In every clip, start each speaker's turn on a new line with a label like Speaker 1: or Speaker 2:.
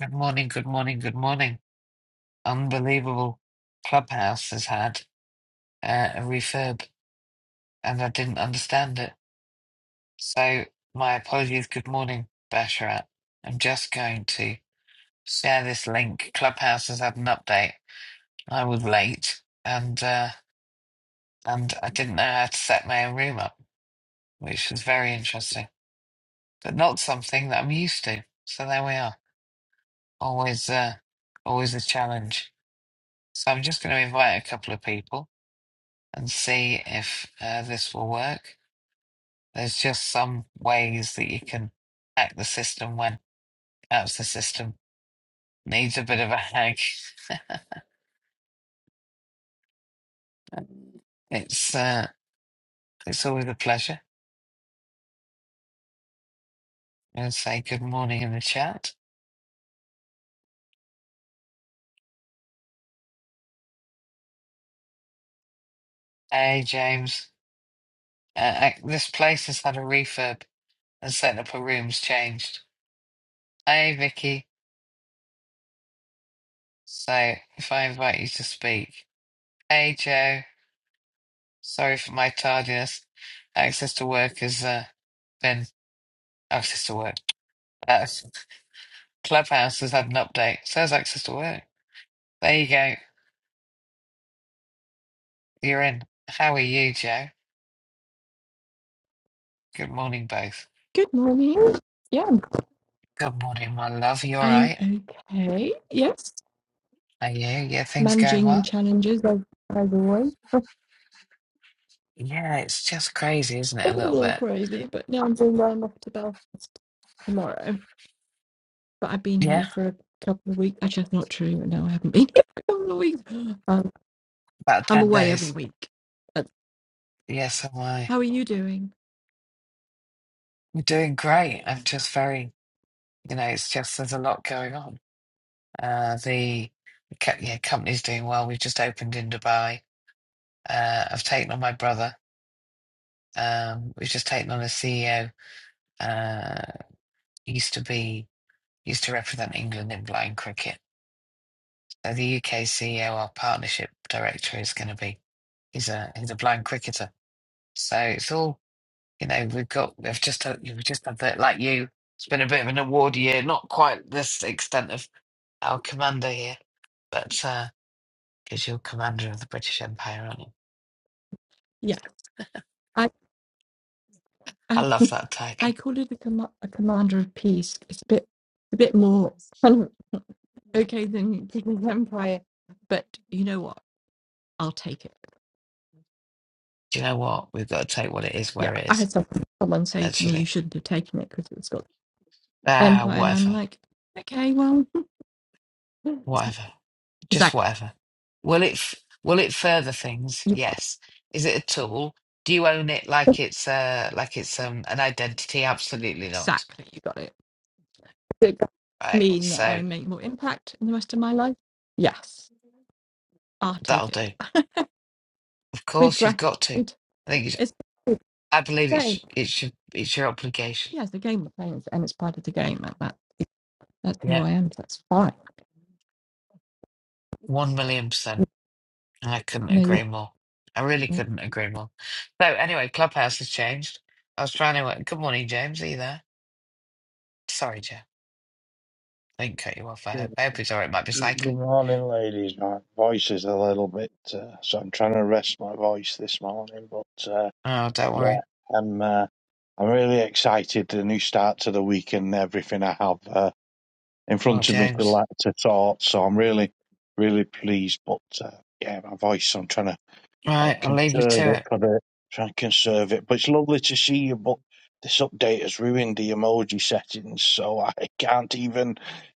Speaker 1: Good morning, good morning, good morning. Unbelievable. Clubhouse has had uh, a refurb and I didn't understand it. So, my apologies. Good morning, Basharat. I'm just going to share this link. Clubhouse has had an update. I was late and uh, and I didn't know how to set my own room up, which was very interesting, but not something that I'm used to. So, there we are. Always, uh, always a challenge. So, I'm just going to invite a couple of people. and see if uh, this will work. There's just some ways that you can hack the system when perhaps the system needs a bit of a hack. It's uh, it's always a pleasure. I'm going to say good morning in the chat. Hey, James. Uh, ac- this place has had a refurb and set up a room's changed. Hey, Vicky. So if I invite you to speak. Hey, Joe. Sorry for my tardiness. Access to work has uh, been access to work. Uh, Clubhouse has had an update. So has Access to Work. There you go. You're in. How are you, Joe? Good morning, both.
Speaker 2: Good morning. Yeah,
Speaker 1: Good morning, my love. You all
Speaker 2: I'm
Speaker 1: right?
Speaker 2: okay. Yes,
Speaker 1: Are you? Yeah, things going
Speaker 2: managing
Speaker 1: well?
Speaker 2: challenges as, as always.
Speaker 1: Yeah, it's just crazy, isn't it?
Speaker 2: I've
Speaker 1: A
Speaker 2: been a
Speaker 1: little
Speaker 2: little
Speaker 1: bit.
Speaker 2: crazy, but now I'm doing well. I'm off to Belfast tomorrow. But I've been here
Speaker 1: Yeah,
Speaker 2: for a couple of weeks. Actually, that's not true. No, I haven't been here for a couple of weeks. Um,
Speaker 1: about
Speaker 2: I'm
Speaker 1: 10
Speaker 2: away every
Speaker 1: days.
Speaker 2: week. Uh,
Speaker 1: Yes, am I.
Speaker 2: How are you doing?
Speaker 1: I'm doing great. I'm just very, you know, it's just there's a lot going on. Uh, the co- yeah, company's doing well. We've just opened in Dubai. Uh, I've taken on my brother. Um, we've just taken on a CEO. used to be used to represent England in blind cricket. So the UK CEO, our partnership director, is going to be he's a he's a blind cricketer. So it's all you know. We've got we've just had, we've just had that like you. It's been a bit of an award year, not quite this extent of our commander here, but uh, because you're commander of the British Empire, aren't you?
Speaker 2: Yeah, I
Speaker 1: I
Speaker 2: I
Speaker 1: love that
Speaker 2: I
Speaker 1: title.
Speaker 2: call it a, com- a commander of peace. It's a bit a bit more kind of okay than British Empire, but you know what? I'll take it.
Speaker 1: Do you know what? We've got to take what it is
Speaker 2: Yeah,
Speaker 1: where it
Speaker 2: I
Speaker 1: is.
Speaker 2: had someone, someone say to me, "You
Speaker 1: Actually,
Speaker 2: shouldn't have taken it because it's got
Speaker 1: ah,
Speaker 2: empire," and I'm
Speaker 1: whatever.
Speaker 2: like, "Okay, well,
Speaker 1: Whatever. Just
Speaker 2: exactly,
Speaker 1: whatever. Will it f- will it further things?
Speaker 2: you,
Speaker 1: Yes. Is it a tool? Do you own it like it's uh like it's um an identity? Absolutely not.
Speaker 2: exactly, you got it." Does It
Speaker 1: Right.
Speaker 2: mean that
Speaker 1: So
Speaker 2: I make more impact in the rest of my life. Yes, I'll
Speaker 1: that'll
Speaker 2: take it
Speaker 1: do. Of
Speaker 2: with
Speaker 1: course you've got to. I
Speaker 2: gratitude.
Speaker 1: think it's,
Speaker 2: It's it's
Speaker 1: I believe
Speaker 2: a game.
Speaker 1: it's it's your it's your obligation.
Speaker 2: Yeah, it's the game we're playing, and it's part of the game. and That that's who
Speaker 1: Yeah,
Speaker 2: I am. so that's fine.
Speaker 1: one million percent. And I couldn't
Speaker 2: No,
Speaker 1: agree
Speaker 2: you.
Speaker 1: more. I really couldn't agree more. So anyway, Clubhouse has changed. I was trying to. uh, Good morning, James. Are you there? Sorry, James. They not cut you off. I hope.
Speaker 3: Good
Speaker 1: I hope he's all right. It Might be
Speaker 3: good
Speaker 1: cycling.
Speaker 3: morning, ladies. My voice is a little bit, uh, so I'm trying to rest my voice this morning. But uh,
Speaker 1: Oh, don't
Speaker 3: yeah,
Speaker 1: worry.
Speaker 3: I'm uh, I'm really excited. The new start to the week and everything I have uh, in
Speaker 1: Well,
Speaker 3: front of me to
Speaker 1: James.
Speaker 3: like to sort. So I'm really, really pleased. But uh, yeah, my voice. I'm trying to uh,
Speaker 1: Right, I'll leave you
Speaker 3: conserve
Speaker 1: to
Speaker 3: it
Speaker 1: it.
Speaker 3: for the try and conserve it. But it's lovely to see you. But this update has ruined the emoji settings, so I can't even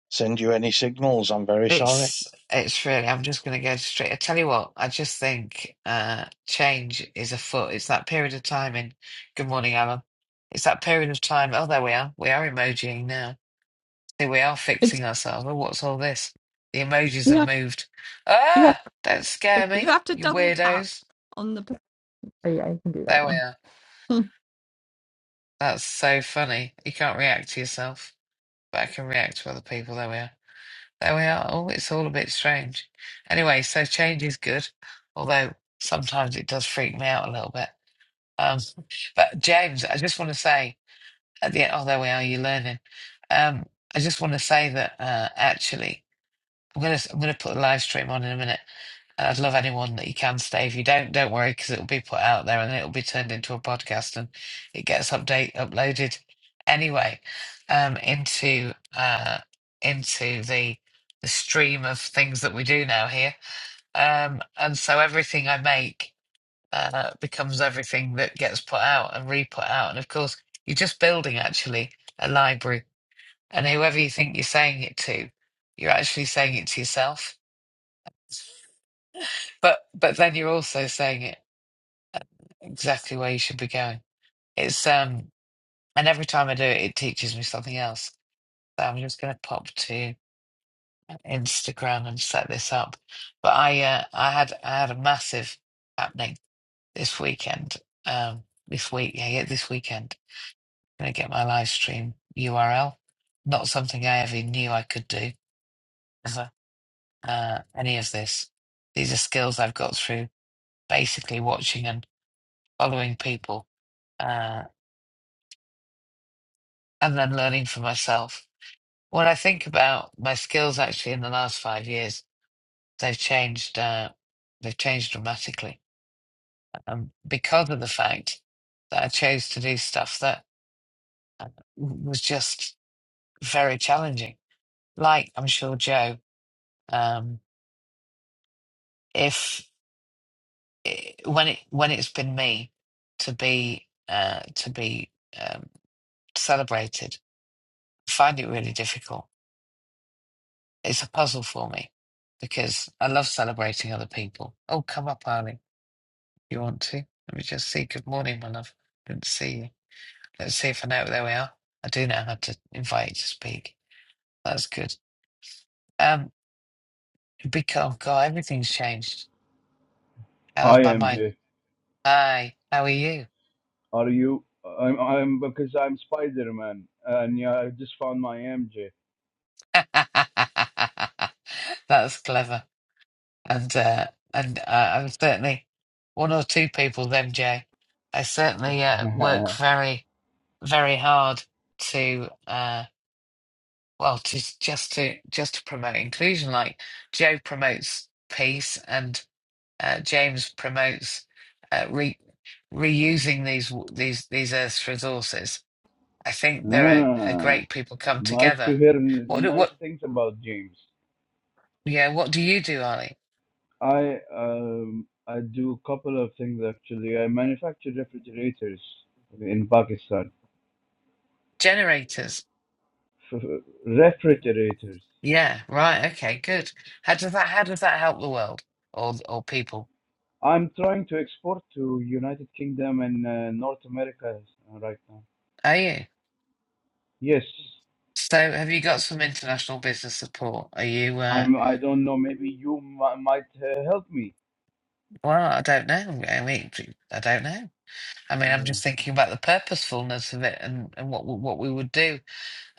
Speaker 3: send you any signals. I'm very sorry.
Speaker 1: It's it's really. I'm just going to go straight. I tell you what. I just think uh, change is afoot. It's that period of time in. Good morning, Alan. It's that period of time. Oh, there we are. We are emojiing now. Here we are
Speaker 2: It's
Speaker 1: fixing ourselves. Oh, what's all this? The emojis
Speaker 2: you
Speaker 1: have
Speaker 2: have
Speaker 1: moved.
Speaker 2: you have
Speaker 1: Ah! Don't
Speaker 2: to,
Speaker 1: scare
Speaker 2: you
Speaker 1: me,
Speaker 2: have to
Speaker 1: you
Speaker 2: double tap
Speaker 1: weirdos.
Speaker 2: on the. Oh, yeah, you can do that
Speaker 1: There we
Speaker 2: one.
Speaker 1: are. That's so funny. You can't react to yourself, but I can react to other people. There we are. There we are. Oh, it's all a bit strange. Anyway, so change is good, although sometimes it does freak me out a little bit. Um, but James, I just want to say at the end, oh, there we are. You're learning. Um, I just want to say that uh, actually, I'm gonna I'm gonna put a live stream on in a minute. And I'd love anyone that you can stay. If you don't, don't worry, because it'll be put out there and it'll be turned into a podcast and it gets update uploaded anyway um, into uh, into the the stream of things that we do now here. Um, and so everything I make uh, becomes everything that gets put out and re-put out. And of course, you're just building actually a library. And whoever you think you're saying it to, you're actually saying it to yourself but but then you're also saying it exactly where you should be going. It's um, and every time I do it, it teaches me something else. So I'm just going to pop to Instagram and set this up. But I, uh, I had, I had a massive happening this weekend. Um, this week, yeah, yeah, this weekend. I'm going to get my live stream URL. Not something I ever knew I could do ever. Uh, any of this. These are skills I've got through basically watching and following people, uh, and then learning for myself When I think about my skills actually in the last five years, they've changed uh, they've changed dramatically. Um, because of the fact that I chose to do stuff that uh, was just very challenging. Like I'm sure Joe, um, if when it when it's been me to be uh, to be um, celebrated, I find it really difficult. It's a puzzle for me because I love celebrating other people. Oh, come up, Arlie. you want to. Let me just see. Good morning, my love. Good to see you. Let's see if I know. There we are. I do know how to invite you to speak. That's good. Um, because God, everything's changed. How's
Speaker 4: Hi
Speaker 1: my mind?
Speaker 4: MJ,
Speaker 1: Hi, how are you?
Speaker 4: are you? I'm I'm because I'm Spider Man, and yeah, I just found my MJ.
Speaker 1: That's clever. And uh, and uh, I'm certainly one or two people, MJ. They certainly uh, work very, very hard to. Uh, well just just to just to promote inclusion like joe promotes peace and uh, james promotes uh, re- reusing these w- these these earth's resources i think there are a
Speaker 4: ah,
Speaker 1: great people come
Speaker 4: nice to
Speaker 1: together
Speaker 4: hear n-
Speaker 1: what do-
Speaker 4: nice
Speaker 1: what
Speaker 4: things about James.
Speaker 1: yeah what do you do ali
Speaker 4: I um I do a couple of things actually. I manufacture refrigerators in Pakistan.
Speaker 1: generators
Speaker 4: F- refrigerators.
Speaker 1: yeah right okay good how does that how does that help the world or or people
Speaker 4: I'm trying to export to United Kingdom and uh, North America uh, right now.
Speaker 1: are you
Speaker 4: Yes,
Speaker 1: so have you got some international business support are you uh
Speaker 4: I'm. I don't know. Maybe you m- might uh, help me.
Speaker 1: Well, I don't know. I mean, d- I don't know. I mean, I'm
Speaker 4: Yeah.
Speaker 1: just thinking about the purposefulness of it and, and what w- what we would do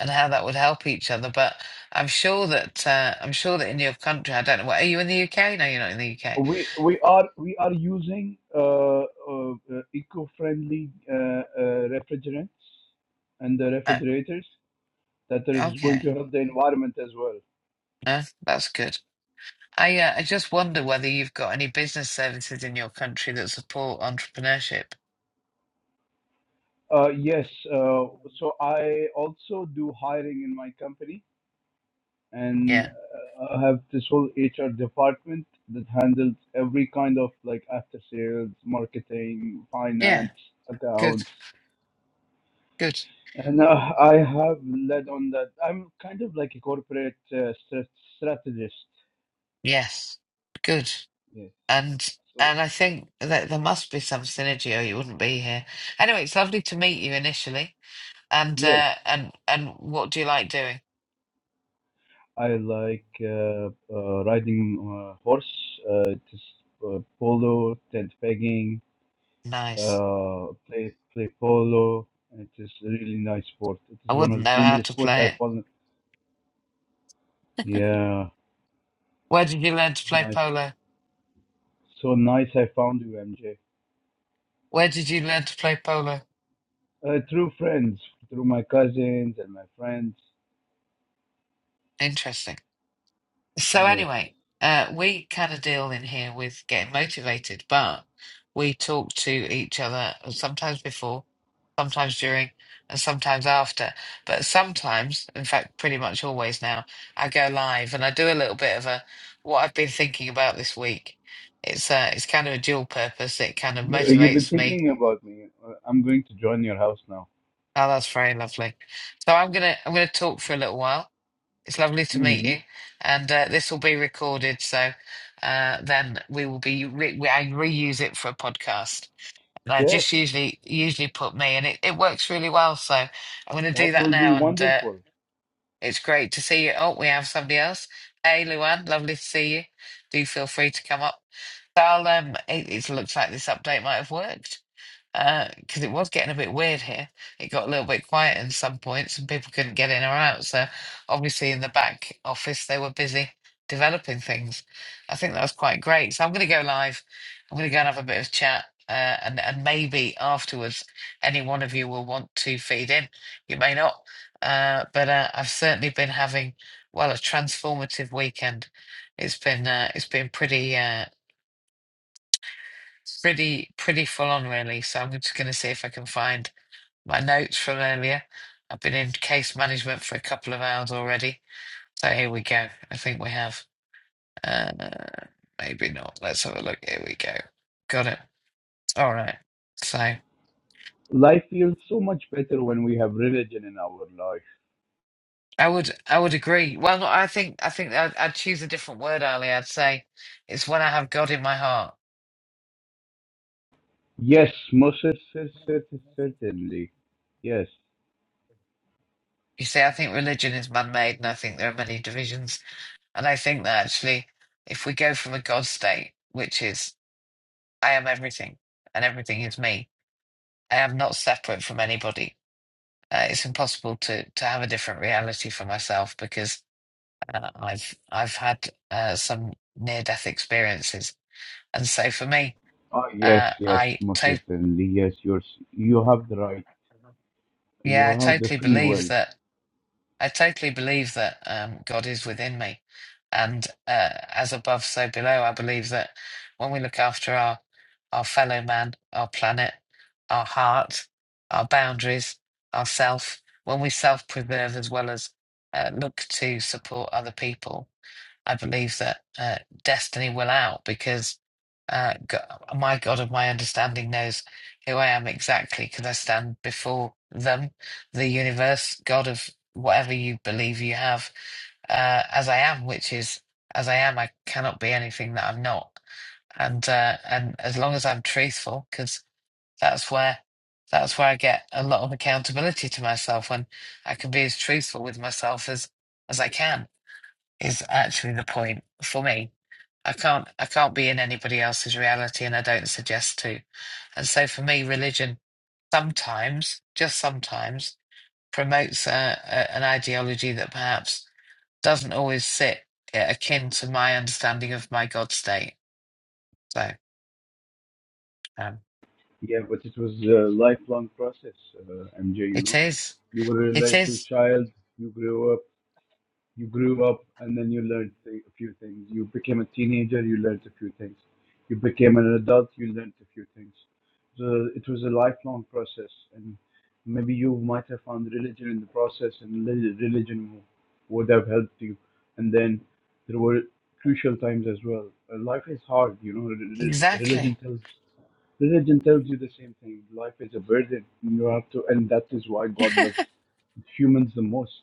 Speaker 1: and how that would help each other. But I'm sure that uh, I'm sure that in your country, I don't know. What, are you in the UK? No, you're not in the UK.
Speaker 4: We we are we are using uh, uh, uh, eco-friendly uh, uh, refrigerants and the
Speaker 1: Uh,
Speaker 4: refrigerators that is going
Speaker 1: okay,
Speaker 4: to help the environment as well.
Speaker 1: no, that's good. I uh, I just wonder whether you've got any business services in your country that support entrepreneurship.
Speaker 4: Uh, yes, uh, so I also do hiring in my company and
Speaker 1: Yeah,
Speaker 4: uh, I have this whole HR department that handles every kind of like after sales, marketing,
Speaker 1: yeah,
Speaker 4: finance,
Speaker 1: good,
Speaker 4: accounts.
Speaker 1: good.
Speaker 4: And uh, I have led on that. I'm kind of like a corporate uh, strat strategist.
Speaker 1: Yes, good.
Speaker 4: Yes.
Speaker 1: and
Speaker 4: So
Speaker 1: and I think that there must be some synergy, or you wouldn't be here. Anyway, it's lovely to meet you initially. And
Speaker 4: yes,
Speaker 1: uh, and and what do you like doing?
Speaker 4: I like uh, uh, riding uh, horse, uh, just, uh, polo, tent pegging,
Speaker 1: Nice.
Speaker 4: uh, play play polo. It is a really nice sport. It
Speaker 1: I
Speaker 4: is one of
Speaker 1: wouldn't
Speaker 4: the
Speaker 1: know how
Speaker 4: dangerous
Speaker 1: to
Speaker 4: sports
Speaker 1: play
Speaker 4: I
Speaker 1: it.
Speaker 4: found. Yeah,
Speaker 1: Where did you learn to
Speaker 4: it's
Speaker 1: play
Speaker 4: nice.
Speaker 1: polo?
Speaker 4: So nice I found you, MJ.
Speaker 1: Where did you learn to play polo?
Speaker 4: Uh, through friends, through my cousins and my friends.
Speaker 1: Interesting. So
Speaker 4: Yes.
Speaker 1: anyway, uh, we kind of deal in here with getting motivated, but we talk to each other sometimes before, sometimes during, and sometimes after. But sometimes, in fact, pretty much always now, I go live and I do a little bit of a what I've been thinking about this week. It's uh, it's kind of a dual purpose. It kind of
Speaker 4: You, uh, you've been
Speaker 1: motivates me.
Speaker 4: thinking about me. Uh, I'm going to join your house now.
Speaker 1: Oh, that's very lovely. So I'm gonna I'm gonna talk for a little while It's lovely to meet
Speaker 4: hmm
Speaker 1: you, and uh, this will be recorded, so uh, then we will be re we, I reuse it for a podcast. And I
Speaker 4: Yes,
Speaker 1: just usually usually put me, and it, it works really well. So I'm going to do
Speaker 4: that
Speaker 1: that
Speaker 4: will be
Speaker 1: now, and uh,
Speaker 4: wonderful.
Speaker 1: it's great to see you. Oh, we have somebody else. Hey, Luan, lovely to see you. Do feel free to come up. So I'll, um, it, it looks like this update might have worked because it was getting a bit weird here. It got a little bit quiet in some points and people couldn't get in or out. So obviously in the back office they were busy developing things. I think that was quite great. So I'm going to go live. I'm going to go and have a bit of chat. Uh, and, and maybe afterwards, any one of you will want to feed in. You may not, uh, but uh, I've certainly been having well a transformative weekend. It's been uh, it's been pretty uh, pretty pretty full on really. So I'm just going to see if I can find my notes from earlier. I've been in case management for a couple of hours already. So here we go. I think we have. Uh, maybe not. Let's have a look. Here we go. Got it. All right. So
Speaker 4: Life feels so much better when we have religion in our life.
Speaker 1: I would I would agree. Well, no, I think I think I'd, I'd choose a different word, Ali. I'd say it's when I have God in my heart.
Speaker 4: Yes, most cer- cer- cer- certainly. Yes.
Speaker 1: You see, I think religion is man made, and I think there are many divisions. And I think that actually, if we go from a God state, which is I am everything and everything is me, I am not separate from anybody. Uh, it's impossible to to have a different reality for myself because uh, I've I've had uh, some near death experiences, and so for me,
Speaker 4: Oh, yes,
Speaker 1: uh,
Speaker 4: yes,
Speaker 1: I
Speaker 4: most
Speaker 1: to
Speaker 4: certainly. Yes, you're, s- you have the right. You
Speaker 1: yeah, I
Speaker 4: have the
Speaker 1: totally
Speaker 4: free
Speaker 1: believe
Speaker 4: will.
Speaker 1: that I totally believe that um, God is within me, and uh, as above, so below. I believe that when we look after our our fellow man, our planet, our heart, our boundaries, ourself, when we self preserve as well as uh, look to support other people, I believe that uh, destiny will out because uh, Go- my God of my understanding knows who I am exactly because I stand before them, the universe, God of whatever you believe you have, uh, as I am, which is as I am, I cannot be anything that I'm not. And uh, and as long as I'm truthful, because that's where that's where I get a lot of accountability to myself when I can be as truthful with myself as as I can is actually the point for me I can't I can't be in anybody else's reality and I don't suggest to. And so for me, religion sometimes, just sometimes, promotes a, a, an ideology that perhaps doesn't always sit eh, akin to my understanding of my God state. So um,
Speaker 4: Yeah, but it was a lifelong process, uh, MJ, you
Speaker 1: it
Speaker 4: know.
Speaker 1: is.
Speaker 4: You were a
Speaker 1: It
Speaker 4: little
Speaker 1: is.
Speaker 4: child, you grew up, You grew up and then you learned th- a few things. You became a teenager, you learned a few things. You became an adult, you learned a few things. So it was a lifelong process, and maybe you might have found religion in the process, and reli- religion would have helped you. And then there were crucial times as well. Uh, Life is hard, you know. re- re-
Speaker 1: Exactly.
Speaker 4: Religion tells religion tells you the same thing. Life is a burden. You have to, and that is why God loves humans the most.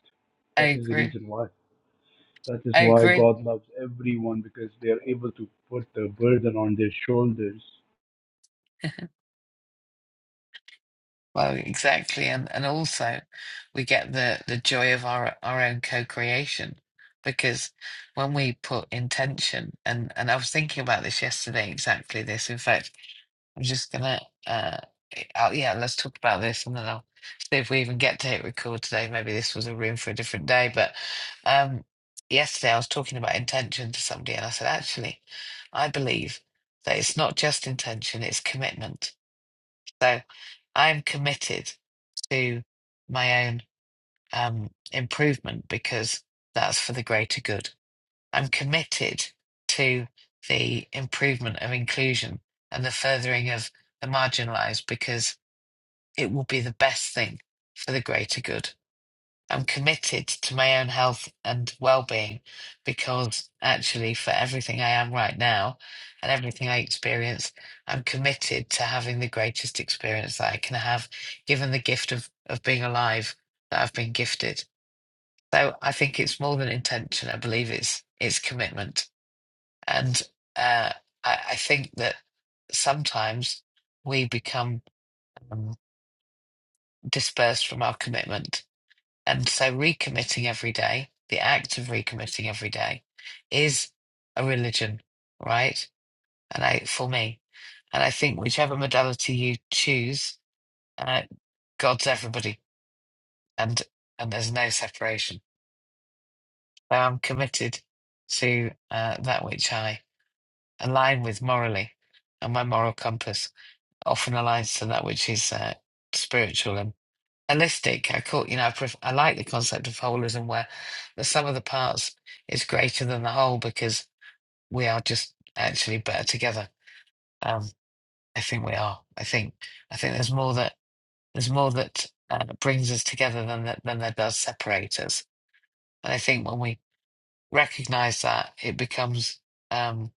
Speaker 1: I
Speaker 4: That is the
Speaker 1: agree.
Speaker 4: reason why. That is
Speaker 1: I
Speaker 4: why
Speaker 1: agree.
Speaker 4: God loves everyone because they are able to put the burden on their shoulders.
Speaker 1: Well, exactly, and and also we get the the joy of our our own co-creation because when we put intention and and I was thinking about this yesterday, exactly this. In fact, I'm just gonna uh, i yeah, let's talk about this and then I'll see if we even get to hit record today. Maybe this was a room for a different day, but um, yesterday I was talking about intention to somebody and I said, actually, I believe that it's not just intention, it's commitment. So I'm committed to my own um, improvement because that's for the greater good. I'm committed to the improvement of inclusion and the furthering of the marginalized because it will be the best thing for the greater good. I'm committed to my own health and well being because actually, for everything I am right now and everything I experience, I'm committed to having the greatest experience that I can have, given the gift of, of being alive that I've been gifted. So I think it's more than intention. I believe it's it's commitment, and uh, I, I think that sometimes we become um, dispersed from our commitment And so recommitting every day, the act of recommitting every day is a religion, right? And I, for me, and I think whichever modality you choose, uh, God's everybody, and and there's no separation. So I'm committed to uh, that which I align with morally, and my moral compass often aligns to that which is uh, spiritual and holistic. I call you know I, pref- I like the concept of holism where the sum of the parts is greater than the whole because we are just actually better together. Um, I think we are. I think I think there's more that there's more that uh, brings us together than that than that does separate us. And I think when we recognize that, it becomes um,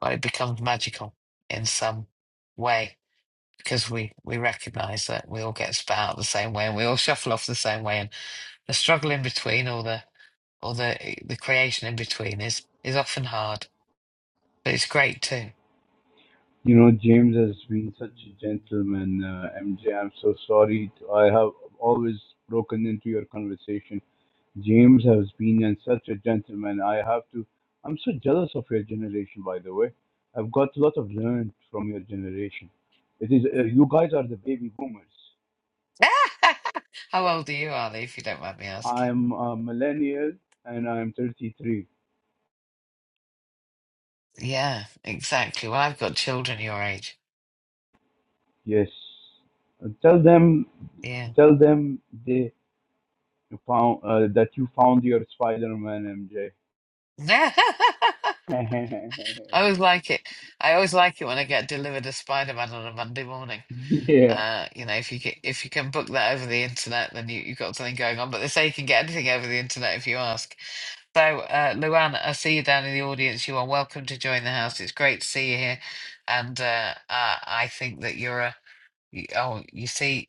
Speaker 1: well, it becomes magical in some way because we we recognize that we all get spat out the same way and we all shuffle off the same way and. the struggle in between or the or the the creation in between is is often hard, but it's great too.
Speaker 4: You know, James has been such a gentleman, uh, MJ. I'm so sorry. I have always broken into your conversation. James has been and such a gentleman. I have to. I'm so jealous of your generation, by the way. I've got a lot of learned from your generation. It is uh, you guys are the baby boomers.
Speaker 1: How old are you, Ali, if you don't mind me asking?
Speaker 4: I'm a millennial and I'm 33.
Speaker 1: Yeah, exactly. Well, I've got children your age.
Speaker 4: Yes, tell them
Speaker 1: Yeah.
Speaker 4: Tell them they found uh, that you found your Spider-Man, MJ.
Speaker 1: I always like it. I always like it when I get delivered a Spider-Man on a Monday morning.
Speaker 4: yeah,
Speaker 1: Uh, you know, if you can, if you can book that over the internet, then you, you've got something going on. But they say you can get anything over the internet if you ask. So, uh, Luan, I see you down in the audience. You are welcome to join the house. It's great to see you here, and uh, I, I think that you're a you, oh, you see,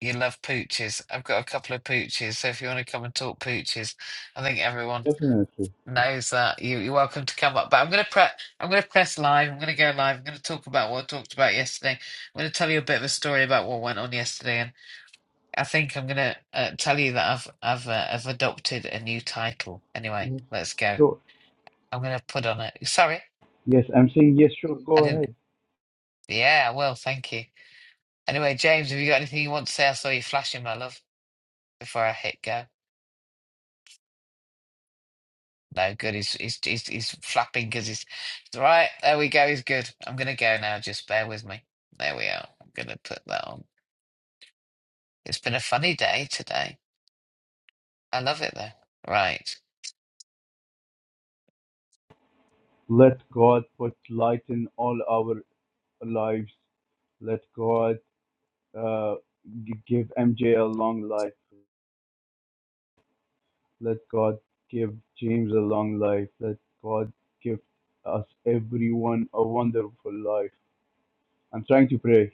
Speaker 1: you love pooches. I've got a couple of pooches, so if you want to come and talk pooches, I think everyone
Speaker 4: definitely.
Speaker 1: knows that you, you're welcome to come up. But I'm going to pre- I'm going to press live. I'm going to go live. I'm going to talk about what I talked about yesterday. I'm going to tell you a bit of a story about what went on yesterday, and I think I'm going to uh, tell you that I've I've uh, I've adopted a new title. Anyway,
Speaker 4: Yes,
Speaker 1: let's go.
Speaker 4: sure.
Speaker 1: I'm going to put on it. Sorry,
Speaker 4: Yes, I'm saying yes. Sure,
Speaker 1: I
Speaker 4: go
Speaker 1: didn't.
Speaker 4: ahead.
Speaker 1: Yeah, well, Thank you. Anyway, James, have you got anything you want to say? I saw you flashing, my love, before I hit go. No good. He's he's he's, he's flapping because he's It's right. There we go. He's good. I'm gonna go now. Just bear with me. There we are. I'm gonna put that on. It's been a funny day today. I love it though. Right.
Speaker 4: Let God put light in all our lives. Let God uh, g- give MJ a long life. Let God give James a long life. Let God give us everyone a wonderful life. I'm trying to pray.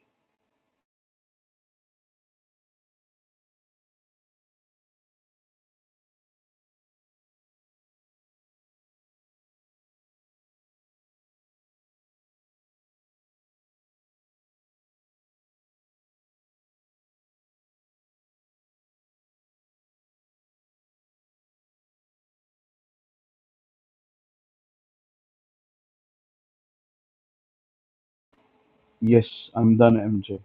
Speaker 4: Yes, I'm done, MJ.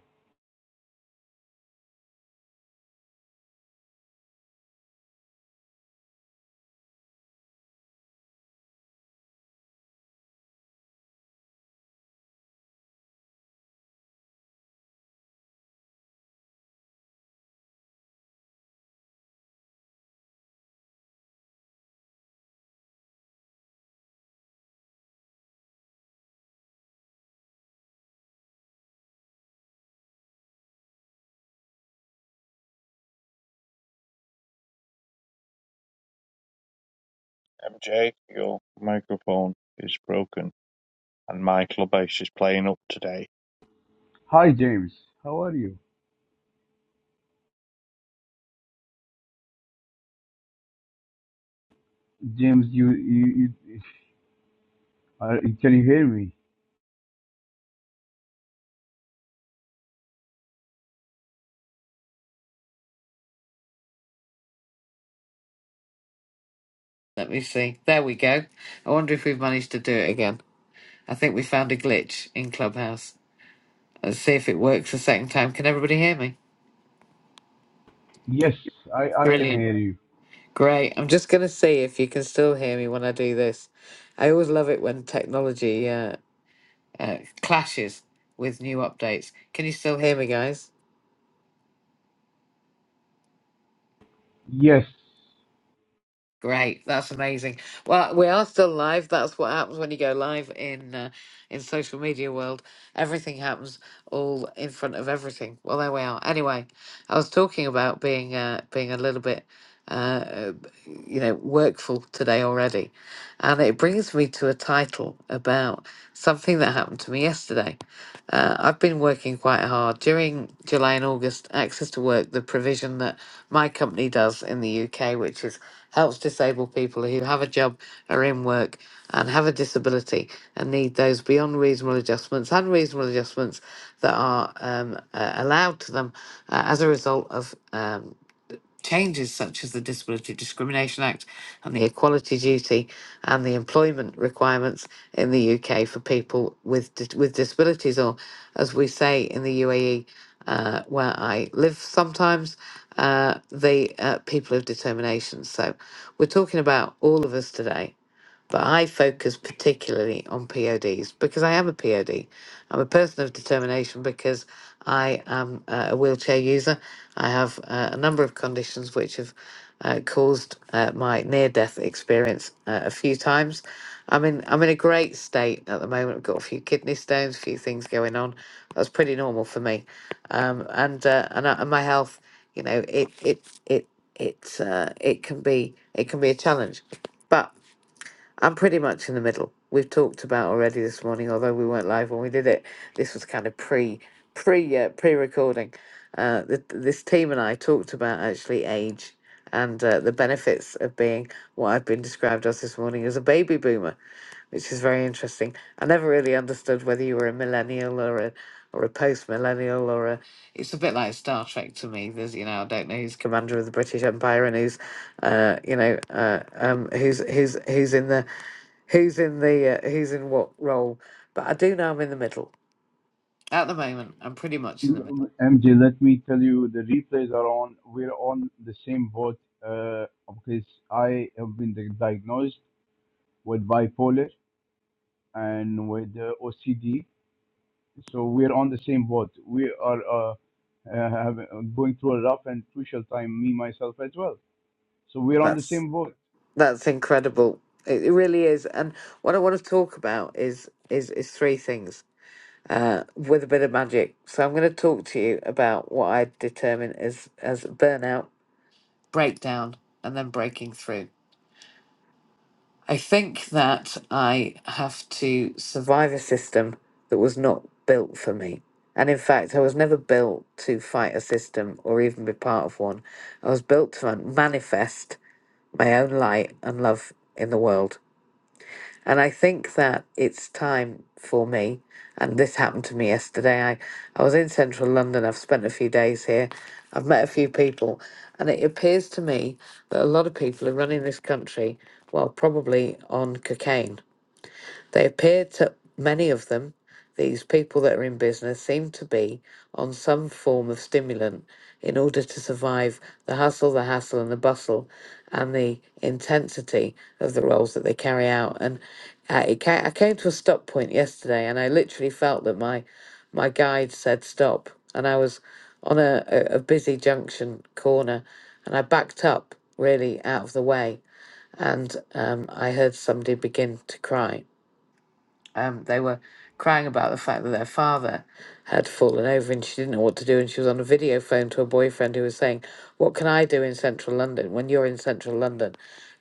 Speaker 3: MJ, your microphone is broken and my clubhouse is playing up today.
Speaker 4: Hi James, how are you? James, you you, you uh, can you hear me?
Speaker 1: Let me see. There we go. I wonder if we've managed to do it again. I think we found a glitch in Clubhouse. Let's see if it works the second time. Can everybody hear me?
Speaker 4: Yes, I I can
Speaker 1: Brilliant.
Speaker 4: hear you.
Speaker 1: Great. I'm just gonna see if you can still hear me when I do this. I always love it when technology. uh, uh, clashes with new updates. Can you still hear me, guys?
Speaker 4: Yes,
Speaker 1: Great, that's amazing. Well, we are still live. That's what happens when you go live in uh, in social media world. Everything happens all in front of everything. Well, there we are. Anyway, I was talking about being uh, being a little bit, uh, you know, workful today already, and it brings me to a title about something that happened to me yesterday. Uh, I've been working quite hard during July and August. Access to Work, the provision that my company does in the UK, which is helps disabled people who have a job, are in work, and have a disability and need those beyond reasonable adjustments and reasonable adjustments that are um, uh, allowed to them uh, as a result of um, Changes such as the Disability Discrimination Act and the Equality Duty and the employment requirements in the UK for people with dis- with disabilities, or as we say in the UAE, uh, where I live sometimes, uh, the uh, people of determination. So we're talking about all of us today but I focus particularly on PODs because I am a POD. I'm a person of determination because I am uh, a wheelchair user. I have uh, a number of conditions which have uh, caused uh, my near-death experience uh, a few times. I'm in I'm in a great state at the moment. I've got a few kidney stones, a few things going on. That's pretty normal for me, um, and uh, and, I, and my health, you know, it it it it uh, it can be it can be a challenge, but I'm pretty much in the middle. We've talked about already this morning, although we weren't live when we did it. This was kind of pre pre uh, pre recording. Uh, th- this team and I talked about actually age and uh, the benefits of being what I've been described as this morning as a baby boomer, which is very interesting. I never really understood whether you were a millennial or a or a post millennial or a. It's a bit like Star Trek to me. There's you know I don't know who's commander of the British Empire and who's, uh, you know, uh, um, who's who's who's in the who's in the uh, who's in what role. But I do know I'm in the middle At the moment, I'm pretty much in the middle.
Speaker 4: MJ, let me tell you, the replays are on. We're on the same boat uh, because I have been di- diagnosed with bipolar and with uh, OCD, so we're on the same boat. We are uh, uh, have, uh, going through a rough and crucial time, me myself as well. So we're on the
Speaker 1: that's
Speaker 4: same boat.
Speaker 1: that's incredible. It, it really is. And what I want to talk about is is is three things uh, with a bit of magic. So I'm going to talk to you about what I determine as as burnout, Breakdown and then breaking through. I think that I have to survive a system that was not built for me. And in fact, I was never built to fight a system or even be part of one. I was built to manifest my own light and love in the world. And I think that it's time for me, and this happened to me yesterday. I, I was in central London, I've spent a few days here, I've met a few people, and it appears to me that a lot of people are running this country, well, probably on cocaine they appear to many of them, these people that are in business, seem to be on some form of stimulant in order to survive the hustle, the hassle, and the bustle, and the intensity of the roles that they carry out. And uh, it ca- I came to a stop point yesterday, and I literally felt that my my guide said stop, and I was on a, a, a busy junction corner, and I backed up really out of the way, and um, I heard somebody begin to cry um, they were crying about the fact that their father had fallen over and she didn't know what to do. And she was on a video phone to a boyfriend who was saying, What can I do in central London when you're in central London?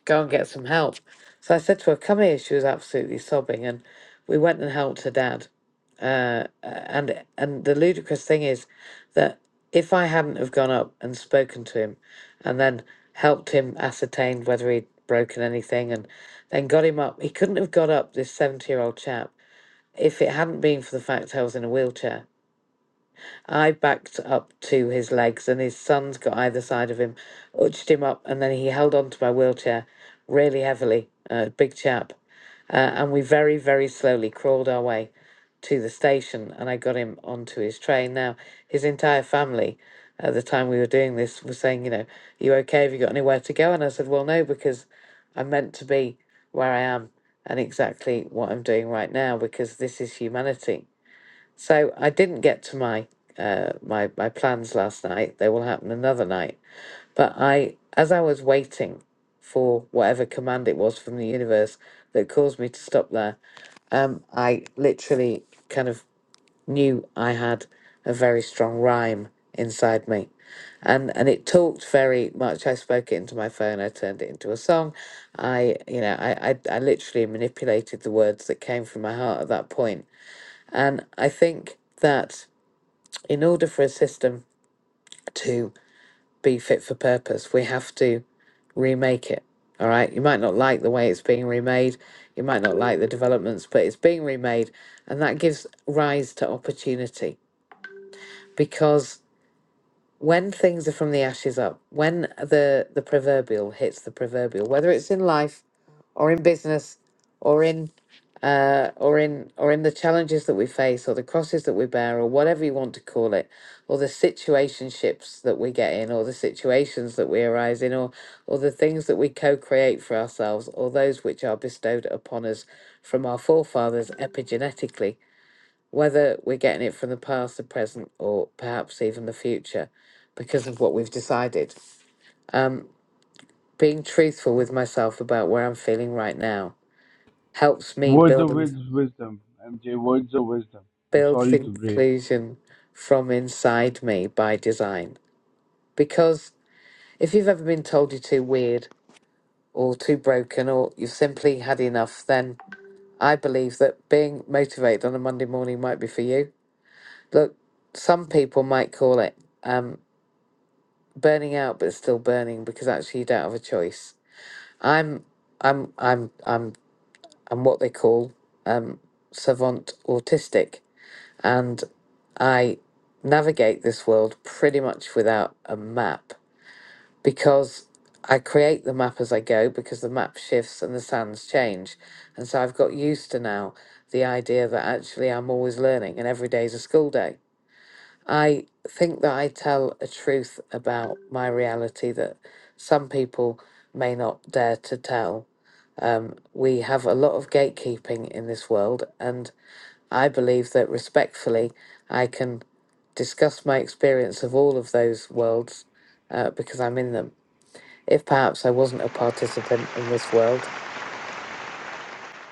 Speaker 1: Go and get some help. So I said to her, Come here. She was absolutely sobbing. And we went and helped her dad. Uh, and and the ludicrous thing is that if I hadn't have gone up and spoken to him and then helped him ascertain whether he'd broken anything and then got him up, he couldn't have got up, this 70 year old chap if it hadn't been for the fact I was in a wheelchair, I backed up to his legs, and his sons got either side of him, urged him up, and then he held on to my wheelchair really heavily, uh, big chap. Uh, and we very, very slowly crawled our way to the station, and I got him onto his train. Now, his entire family at the time we were doing this was saying, You know, are you okay? Have you got anywhere to go? And I said, Well, no, because I'm meant to be where I am and exactly what I'm doing right now because this is humanity so I didn't get to my uh, my my plans last night. They will happen another night. But I, as I was waiting for whatever command it was from the universe that caused me to stop there, um, I literally kind of knew I had a very strong rhyme inside me. And and it talked very much. I spoke it into my phone. I turned it into a song. I, you know, I, I, I literally manipulated the words that came from my heart at that point and I think that in order for a system to be fit for purpose, we have to remake it. All right. You might not like the way it's being remade, you might not like the developments, but it's being remade. And that gives rise to opportunity because when things are from the ashes up, when the, the proverbial hits the proverbial, whether it's in life or in business or in uh, or in or in the challenges that we face or the crosses that we bear or whatever you want to call it or the situationships that we get in or the situations that we arise in or or the things that we co-create for ourselves or those which are bestowed upon us from our forefathers epigenetically whether we're getting it from the past the present or perhaps even the future because of what we've decided um being truthful with myself about where I'm feeling right now helps me
Speaker 4: Words of
Speaker 1: building
Speaker 4: wis- wisdom, MJ. Words of wisdom. I'm
Speaker 1: builds
Speaker 4: sorry to break.
Speaker 1: inclusion from inside me by design. Because if you've ever been told you're too weird or too broken or you've simply had enough, then I believe that being motivated on a Monday morning might be for you. Look, some people might call it um, burning out, but still burning because actually you don't have a choice. I'm, I'm, I'm, I'm, I'm what they call um, savant autistic and I navigate this world pretty much without a map because I create the map as I go because the map shifts and the sands change. And so I've got used to now the idea that actually I'm always learning and every day is a school day. I think that I tell a truth about my reality that some people may not dare to tell. Um, we have a lot of gatekeeping in this world, and I believe that respectfully, I can discuss my experience of all of those worlds uh, because I'm in them. If perhaps I wasn't a participant in this world,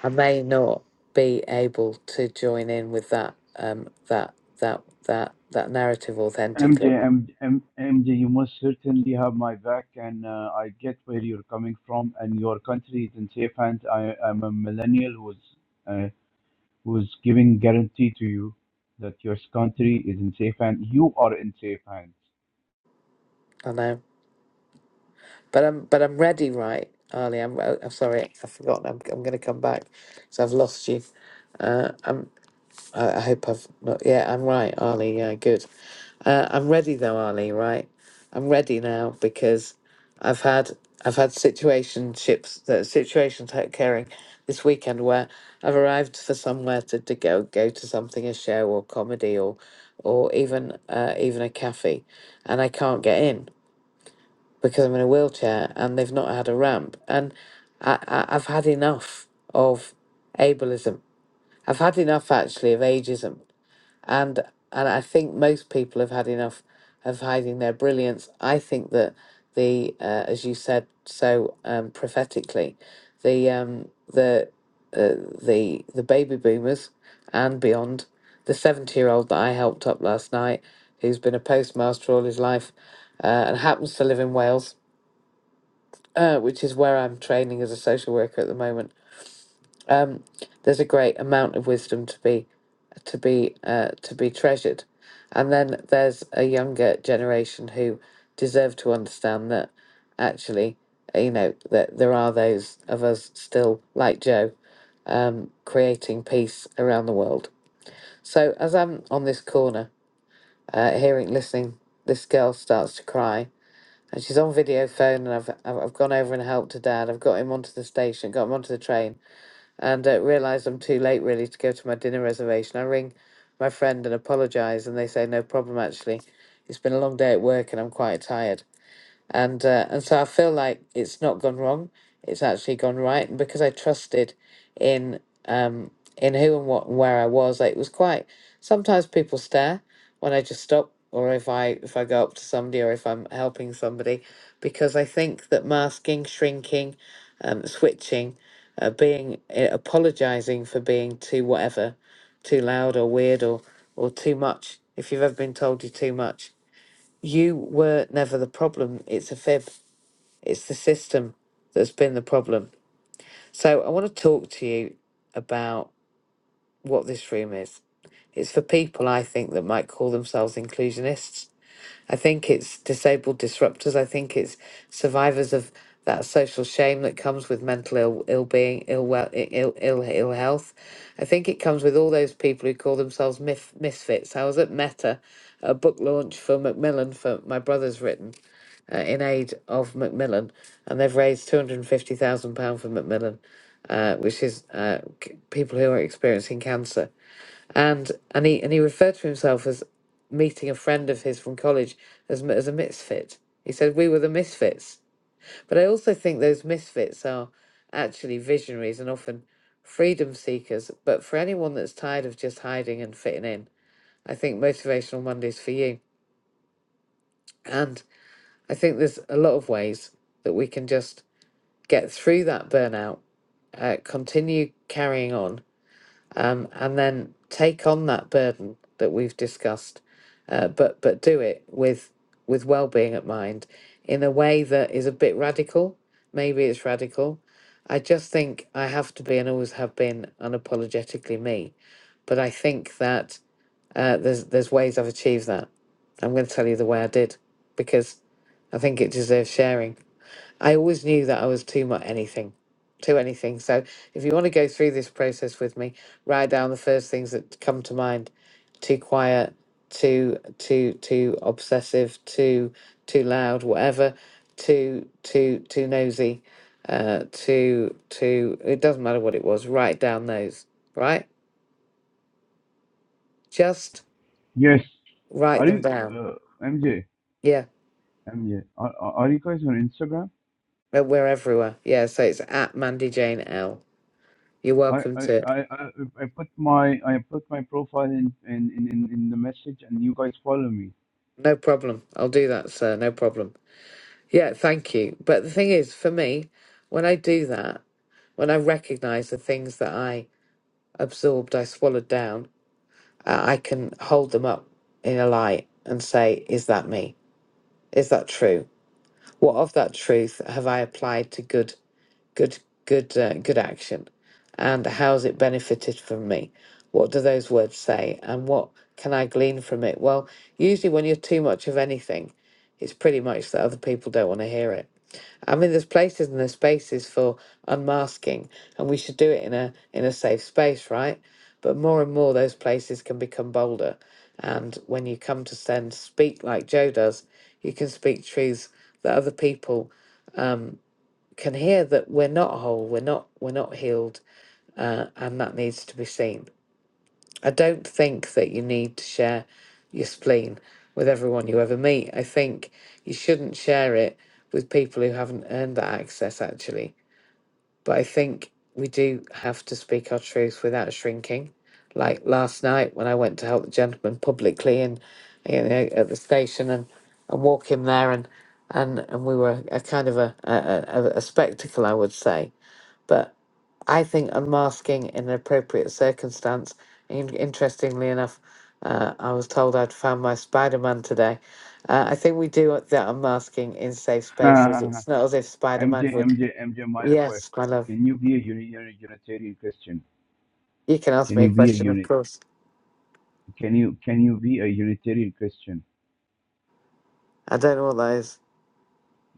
Speaker 1: I may not be able to join in with that um, that that that that narrative
Speaker 4: MJ,
Speaker 1: authentically.
Speaker 4: M, M, MJ, you most certainly have my back, and uh, I get where you're coming from, and your country is in safe hands. I am a millennial who's uh, who's giving guarantee to you that your country is in safe hands. You are in safe hands.
Speaker 1: I know, but I'm but I'm ready, right, Arlie? I'm, oh, I'm sorry, I've forgotten. I'm I'm going to come back, so I've lost you. Uh, I'm. I, I hope I've not. Yeah, I'm right, Arlie. Yeah, good. Uh, I'm ready though, Arlie. Right, I'm ready now because I've had I've had situationships that situations take caring this weekend where I've arrived for somewhere to, to go go to something a show or comedy or or even uh, even a cafe, and I can't get in because I'm in a wheelchair and they've not had a ramp and I, I I've had enough of ableism. I've had enough actually of ageism and and I think most people have had enough of hiding their brilliance. I think that the uh, as you said so um, prophetically, the um, the uh, the the baby boomers and beyond, the seventy year old that I helped up last night, who's been a postmaster all his life, uh, and happens to live in Wales, uh, which is where I'm training as a social worker at the moment um, there's a great amount of wisdom to be to be uh, to be treasured and then there's a younger generation who deserve to understand that actually you know that there are those of us still like joe um, creating peace around the world so as i'm on this corner uh, hearing listening this girl starts to cry and she's on video phone and I've, I've I've gone over and helped her dad i've got him onto the station got him onto the train and uh, realize I'm too late really to go to my dinner reservation. I ring my friend and apologize, and they say, No problem, actually. It's been a long day at work and I'm quite tired and uh, and so I feel like it's not gone wrong. It's actually gone right, and because I trusted in um in who and what and where I was, like, it was quite. Sometimes people stare when I just stop, or if I if I go up to somebody, or if I'm helping somebody, because I think that masking, shrinking, um, switching, uh, being uh, apologizing for being too whatever, too loud or weird or or too much. If you've ever been told you're too much, you were never the problem. It's a fib. It's the system that's been the problem. So I want to talk to you about what this room is. It's for people I think that might call themselves inclusionists. I think it's disabled disruptors. I think it's survivors of that social shame that comes with mental ill ill being, ill well, i- ill ill ill health. I think it comes with all those people who call themselves mif- misfits. I was at Meta, a book launch for Macmillan for my brother's written, uh, in aid of Macmillan, and they've raised two hundred and fifty thousand pound for Macmillan, uh, which is uh, c- people who are experiencing cancer. And and he and he referred to himself as meeting a friend of his from college as m- as a misfit. He said we were the misfits, but I also think those misfits are actually visionaries and often freedom seekers. But for anyone that's tired of just hiding and fitting in, I think motivational Mondays for you. And I think there's a lot of ways that we can just get through that burnout, uh, continue carrying on, um, and then take on that burden that we've discussed, uh, but but do it with with well being at mind in a way that is a bit radical. Maybe it's radical. I just think I have to be and always have been unapologetically me, but I think that uh, there's there's ways I've achieved that. I'm going to tell you the way I did because I think it deserves sharing. I always knew that I was too much anything, too anything. So if you want to go through this process with me, write down the first things that come to mind: too quiet, too too too obsessive, too too loud, whatever, too too too nosy, uh, too too. It doesn't matter what it was. Write down those. Right, just
Speaker 4: Yes.
Speaker 1: write
Speaker 4: Are
Speaker 1: them
Speaker 4: you,
Speaker 1: down.
Speaker 4: uh, MJ?
Speaker 1: Yeah,
Speaker 4: MJ, are, are are you guys on Instagram?
Speaker 1: uh, we're everywhere. Yeah, so it's at Mandy Jane L. You're
Speaker 4: I,
Speaker 1: welcome
Speaker 4: I, I,
Speaker 1: to. it.
Speaker 4: I I put my I put my profile in in, in, in in the message and you guys follow me.
Speaker 1: No problem. I'll do that, sir. No problem. Yeah, thank you. But the thing is, for me, when I do that, when I recognize the things that I absorbed, I swallowed down, I I can hold them up in a light and say, is that me? Is that true? What of that truth have I applied to good? good good uh, good action and how's it benefited from me what do those words say and what can i glean from it well usually when you're too much of anything it's pretty much that other people don't want to hear it i mean there's places and there's spaces for unmasking and we should do it in a in a safe space right but more and more those places can become bolder and when you come to send speak like joe does you can speak truths that other people can hear that we're not whole, we're not we're not healed, uh, and that needs to be seen. I don't think that you need to share your spleen with everyone you ever meet. I think you shouldn't share it with people who haven't earned that access actually. But I think we do have to speak our truth without shrinking. Like last night when I went to help the gentleman publicly and you know at the station and, and walk him there and and and we were a kind of a, a, a, a spectacle I would say but I think unmasking in an appropriate circumstance. In- interestingly enough, uh, I was told I'd found my Spider Man today. Uh, I think we do that unmasking in safe spaces.
Speaker 4: MJ
Speaker 1: It's not as if Spider Man would.
Speaker 4: MJ MJ my request.
Speaker 1: Yes, my love.
Speaker 4: Can you be a uni- uni- Unitarian Christian?
Speaker 1: You can ask
Speaker 4: Can
Speaker 1: me a
Speaker 4: you be a
Speaker 1: question, of
Speaker 4: unit
Speaker 1: course.
Speaker 4: can you can you be a Unitarian Christian?
Speaker 1: I don't know what that is.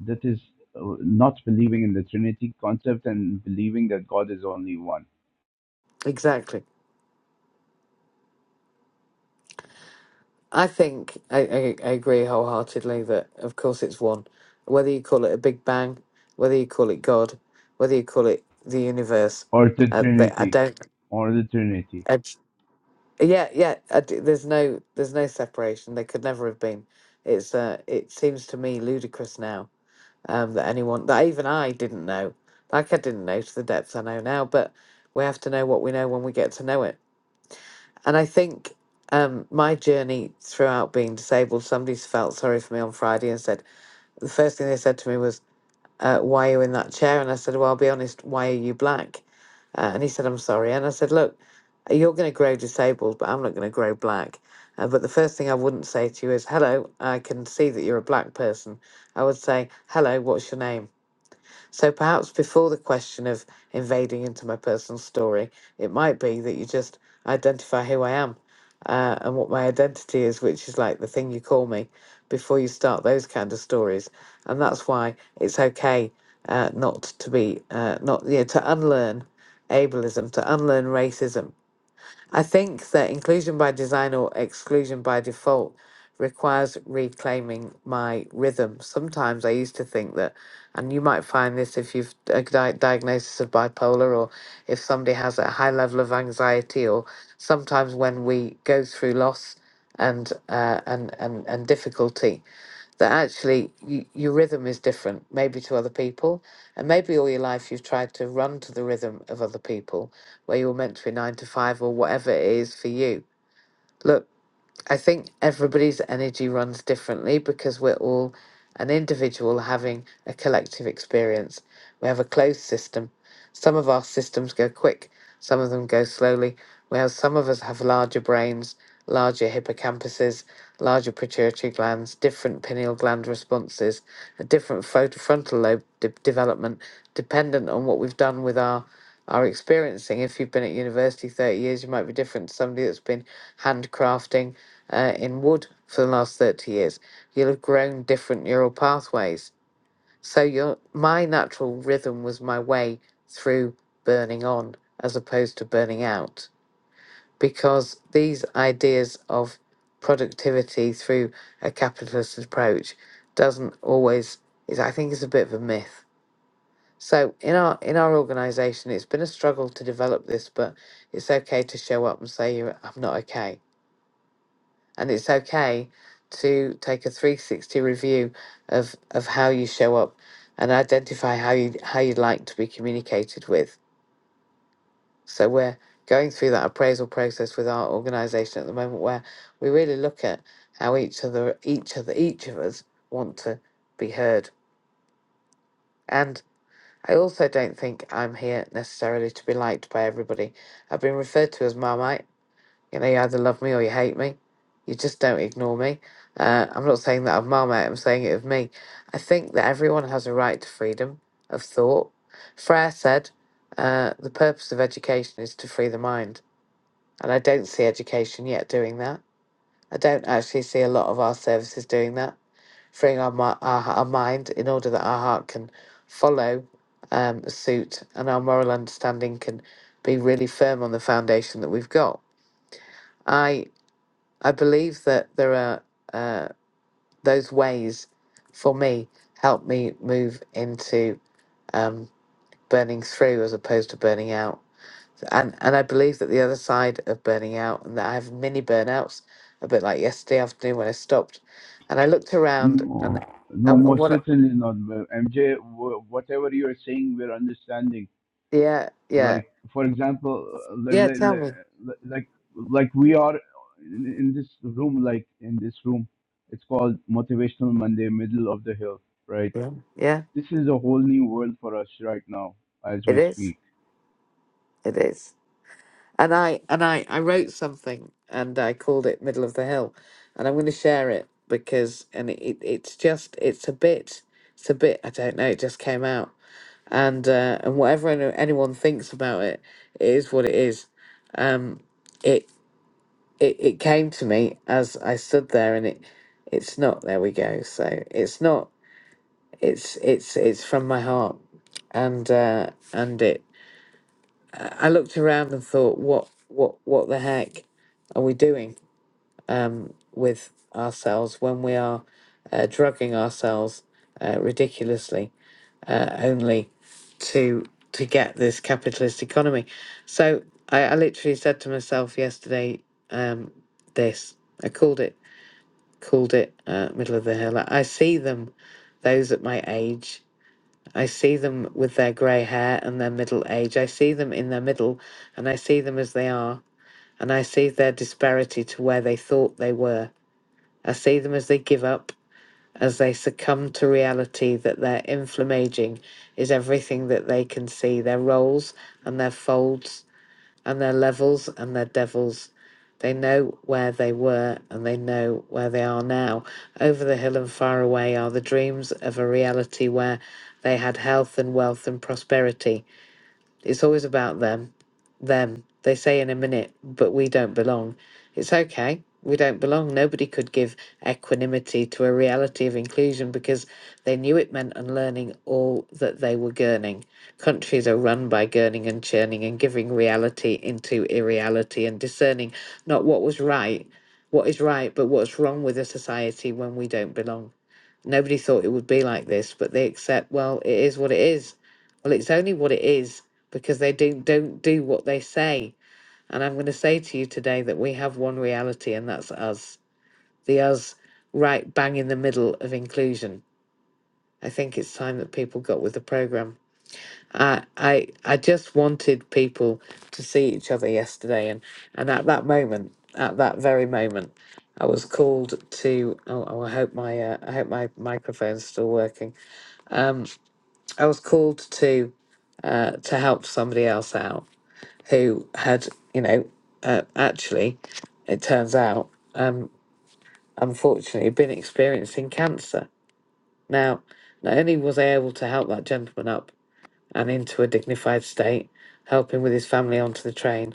Speaker 4: That is uh, not believing in the Trinity concept and believing that God is only one.
Speaker 1: Exactly. I think I, I, I agree wholeheartedly that, of course, it's one. Whether you call it a Big Bang, whether you call it God, whether you call it the universe,
Speaker 4: Or the
Speaker 1: uh, they, I
Speaker 4: Trinity.
Speaker 1: don't.
Speaker 4: Or the Trinity.
Speaker 1: Yeah, yeah. I d there's no, there's no separation. They could never have been. It's, uh, it seems to me ludicrous now um, that anyone, that even I didn't know. Like I didn't know to the depths I know now. But we have to know what we know when we get to know it. And I think um, my journey throughout being disabled, somebody's felt sorry for me on Friday and said the first thing they said to me was, uh, why are you in that chair? And I said, well, I'll be honest, why are you black? Uh, and he said, I'm sorry. And I said, look, you're going to grow disabled, but I'm not going to grow black. Uh, but the first thing I wouldn't say to you is, hello, I can see that you're a black person. I would say, hello, what's your name? So perhaps before the question of invading into my personal story, it might be that you just identify who I am uh, and what my identity is, which is like the thing you call me, before you start those kind of stories. And that's why it's okay uh, not to be, uh, not, you know, to unlearn ableism, to unlearn racism I think that inclusion by design or exclusion by default requires reclaiming my rhythm. Sometimes I used to think that, and you might find this if you've a di- diagnosis of bipolar or if somebody has a high level of anxiety, or sometimes when we go through loss and uh, and and and difficulty, that actually y your rhythm is different, maybe to other people. And maybe all your life you've tried to run to the rhythm of other people, where you were meant to be nine to five or whatever it is for you. Look, I think everybody's energy runs differently because we're all an individual having a collective experience. We have a closed system. Some of our systems go quick, some of them go slowly. We have some of us have larger brains, larger hippocampuses, larger pituitary glands, different pineal gland responses, a different photo frontal lobe de- development, dependent on what we've done with our our experiencing. If you've been at university 30 years, you might be different to somebody that's been handcrafting uh, in wood for the last 30 years, you'll have grown different neural pathways. So your my natural rhythm was my way through burning on as opposed to burning out. Because these ideas of productivity through a capitalist approach doesn't always is I think it's a bit of a myth. So in our in our organisation it's been a struggle to develop this, but it's okay to show up and say you I'm not okay and it's okay to take a 360 review of of how you show up and identify how you how you'd like to be communicated with so we're going through that appraisal process with our organization at the moment where we really look at how each other each other each of us want to be heard and I also don't think I'm here necessarily to be liked by everybody. I've been referred to as Marmite You know, you either love me or you hate me. You just don't ignore me. Uh, I'm not saying that of Marmite, I'm saying it of me. I think that everyone has a right to freedom of thought. Frere said, uh, the purpose of education is to free the mind. And I don't see education yet doing that. I don't actually see a lot of our services doing that, freeing our, mi- our, our mind in order that our heart can follow um, suit and our moral understanding can be really firm on the foundation that we've got. I. I believe that there are uh, those ways for me help me move into um, burning through as opposed to burning out. And and I believe that the other side of burning out and that I have mini burnouts, a bit like yesterday afternoon when I stopped, and I looked around and
Speaker 4: No, no,
Speaker 1: and, and
Speaker 4: most
Speaker 1: what? I-
Speaker 4: certainly not. MJ, wh- whatever you are saying, we're understanding
Speaker 1: Yeah, yeah,
Speaker 4: like for example like,
Speaker 1: yeah. Tell me.
Speaker 4: like, like like we are in, in this room like in this room it's called motivational monday middle of the hill right
Speaker 1: Yeah, yeah.
Speaker 4: this is a whole new world for us right now as
Speaker 1: It
Speaker 4: we
Speaker 1: is.
Speaker 4: speak
Speaker 1: It is. and I and I I wrote something and I called it Middle of the Hill, and I'm going to share it because and it, it it's just it's a bit it's a bit I don't know it just came out and uh, and whatever any- anyone thinks about it it is what it is, um it it it came to me as I stood there and it it's not there we go so it's not it's it's it's from my heart and uh and it I looked around and thought, what, what, what the heck are we doing with ourselves when we are uh, drugging ourselves uh, ridiculously uh, only to to get this capitalist economy? So I, I literally said to myself yesterday, um, this I called it, called it uh, middle of the hill. I see them, those at my age. I see them with their grey hair and their middle age. I see them in their middle, and I see them as they are and I see their disparity to where they thought they were. I see them as they give up, as they succumb to reality that their inflammaging is everything that they can see their rolls and their folds and their levels and their devils. They know where they were and they know where they are now. Over the hill and far away are the dreams of a reality where they had health and wealth and prosperity it's always about them. Them. They say in a minute, but we don't belong. It's okay. We don't belong. Nobody could give equanimity to a reality of inclusion because they knew it meant unlearning all that they were gurning. Countries are run by gurning and churning and giving reality into irreality and discerning not what was right, what is right, but what's wrong with a society when we don't belong. Nobody thought it would be like this, but they accept, well, it is what it is. Well, it's only what it is because they do, don't do what they say. And I'm going to say to you today that we have one reality, and that's us. The us right bang in the middle of inclusion. I think it's time that people got with the program. I, I, I just wanted people to see each other yesterday. And, and at that moment, at that very moment, I was called to. Oh, oh I hope my uh, I hope my microphone's still working. I was called to uh, to help somebody else out who had, you know, uh, actually, it turns out, um, unfortunately, been experiencing cancer. Now, not only was I able to help that gentleman up and into a dignified state, help him with his family onto the train,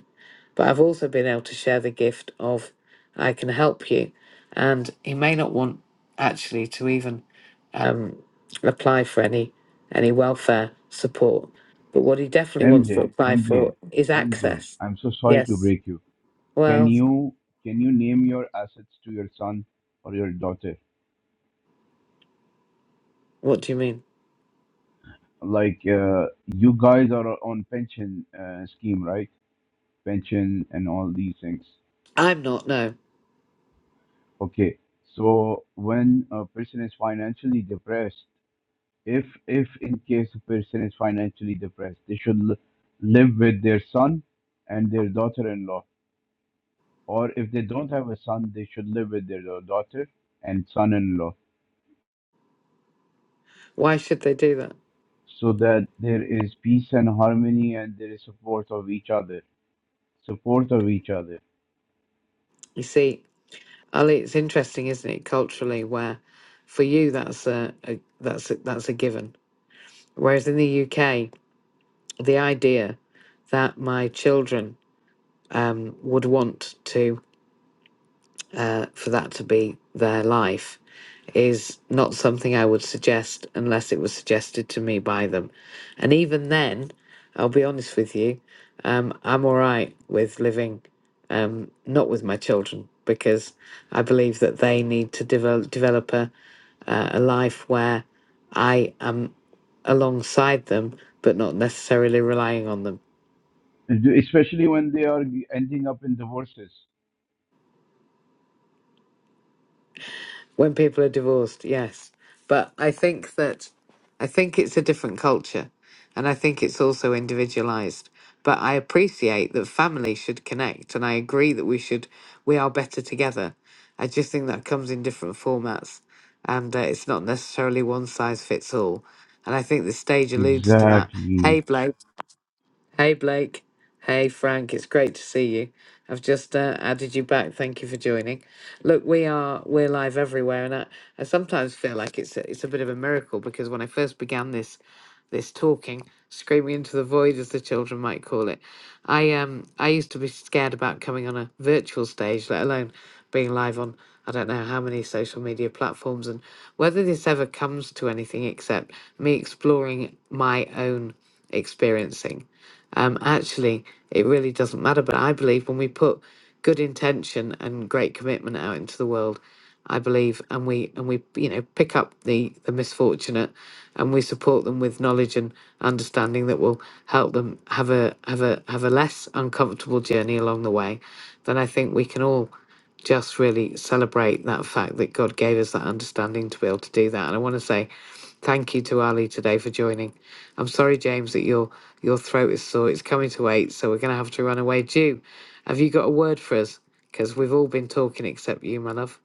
Speaker 1: but I've also been able to share the gift of I can help you. And he may not want actually to even um, apply for any any welfare support, but what he definitely wants to
Speaker 4: mj
Speaker 1: apply
Speaker 4: mj
Speaker 1: for is
Speaker 4: mj
Speaker 1: access.
Speaker 4: i'm so sorry to
Speaker 1: Yes.
Speaker 4: break you can
Speaker 1: Well,
Speaker 4: you can you name your assets to your son or your daughter
Speaker 1: what do you mean?
Speaker 4: like uh, you guys are on pension uh, scheme right pension and all these things
Speaker 1: I'm not. No.
Speaker 4: Okay, so when a person is financially depressed, if if in case a person is financially depressed, they should l live with their son and their daughter-in-law, or if they don't have a son, they should live with their da- daughter and son-in-law,
Speaker 1: Why should they do that?
Speaker 4: so that there is peace and harmony and there is support of each other, support of each other,
Speaker 1: You see, Ali, it's interesting, isn't it, culturally, where for you that's a, a that's a, that's a given, whereas in the UK, the idea that my children um, would want to uh, for that to be their life is not something I would suggest unless it was suggested to me by them. And even then, I'll be honest with you, um, I'm all right with living um, not with my children because I believe that they need to develop, develop a, uh, a life where I am alongside them but not necessarily relying on them.
Speaker 4: especially when they are ending up in divorces.
Speaker 1: when people are divorced, yes. But I think that I think it's a different culture and I think it's also individualized. But I appreciate that family should connect and I agree that we should we are better together. I just think that comes in different formats and uh, it's not necessarily one size fits all. And I think the stage alludes to that.
Speaker 4: Exactly.
Speaker 1: Hey Blake. Hey, Blake. Hey, Frank. It's great to see you. I've just uh, added you back. Thank you for joining. Look, we are we're live everywhere, and I, I sometimes feel like it's a, it's a bit of a miracle because when I first began this this talking, screaming into the void, as the children might call it, I um I used to be scared about coming on a virtual stage, let alone being live on I don't know how many social media platforms, and whether this ever comes to anything except me exploring my own experiencing um, actually, it really doesn't matter. But I believe when we put good intention and great commitment out into the world, I believe, and we and we you know pick up the the misfortunate, and we support them with knowledge and understanding that will help them have a have a have a less uncomfortable journey along the way. Then I think we can all just really celebrate that fact that God gave us that understanding to be able to do that. And I want to say thank you to Ali today for joining. I'm sorry, James, that you're your throat is sore. It's coming to eight, so we're going to have to run away. Jew, have you got a word for us? Because we've all been talking except you, my love.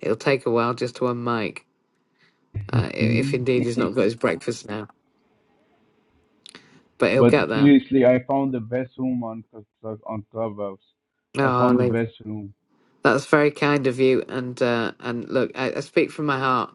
Speaker 1: It'll take a while just to unmic, uh, i- if indeed he's not got his breakfast now. But he'll
Speaker 4: But
Speaker 1: get there.
Speaker 4: seriously, I found the best room on Cl- on Clubhouse. I found the
Speaker 1: Oh,
Speaker 4: best room.
Speaker 1: That's very kind of you, and uh, and look, I, I speak from my heart,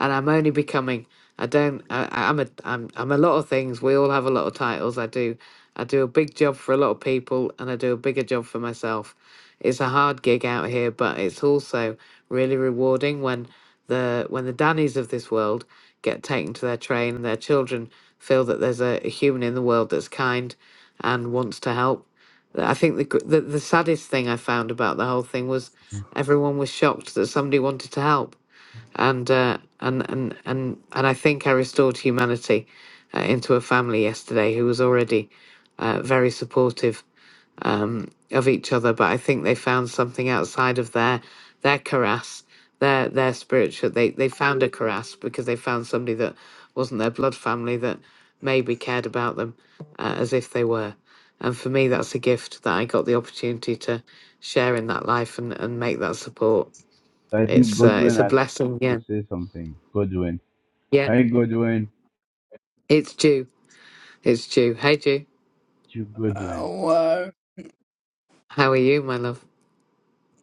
Speaker 1: and I'm only becoming. I don't. I, I- am a. I'm. I'm a lot of things. We all have a lot of titles. I do. I do a big job for a lot of people, and I do a bigger job for myself. It's a hard gig out here, but it's also really rewarding when the when the Dannies of this world get taken to their train and their children feel that there's a, a human in the world that's kind and wants to help. I think the, gr- the the saddest thing I found about the whole thing was everyone was shocked that somebody wanted to help, and uh, and and and and I think I restored humanity uh, into a family yesterday who was already uh, very supportive um, of each other, but I think they found something outside of their their caras, their their spiritual. They they found a caras because they found somebody that wasn't their blood family that maybe cared about them uh, as if they were. And for me, that's a gift that I got the opportunity to share in that life and, and make that support.
Speaker 4: I think
Speaker 1: It's uh,
Speaker 4: Goodwin
Speaker 1: it's a
Speaker 4: has
Speaker 1: blessing.
Speaker 4: to
Speaker 1: Yeah,
Speaker 4: say something. Goodwin,
Speaker 1: yeah.
Speaker 4: hey Goodwin,
Speaker 1: It's due. It's due. Hey, Jew.
Speaker 4: to Goodwin.
Speaker 5: Hello,
Speaker 1: How are you, my love?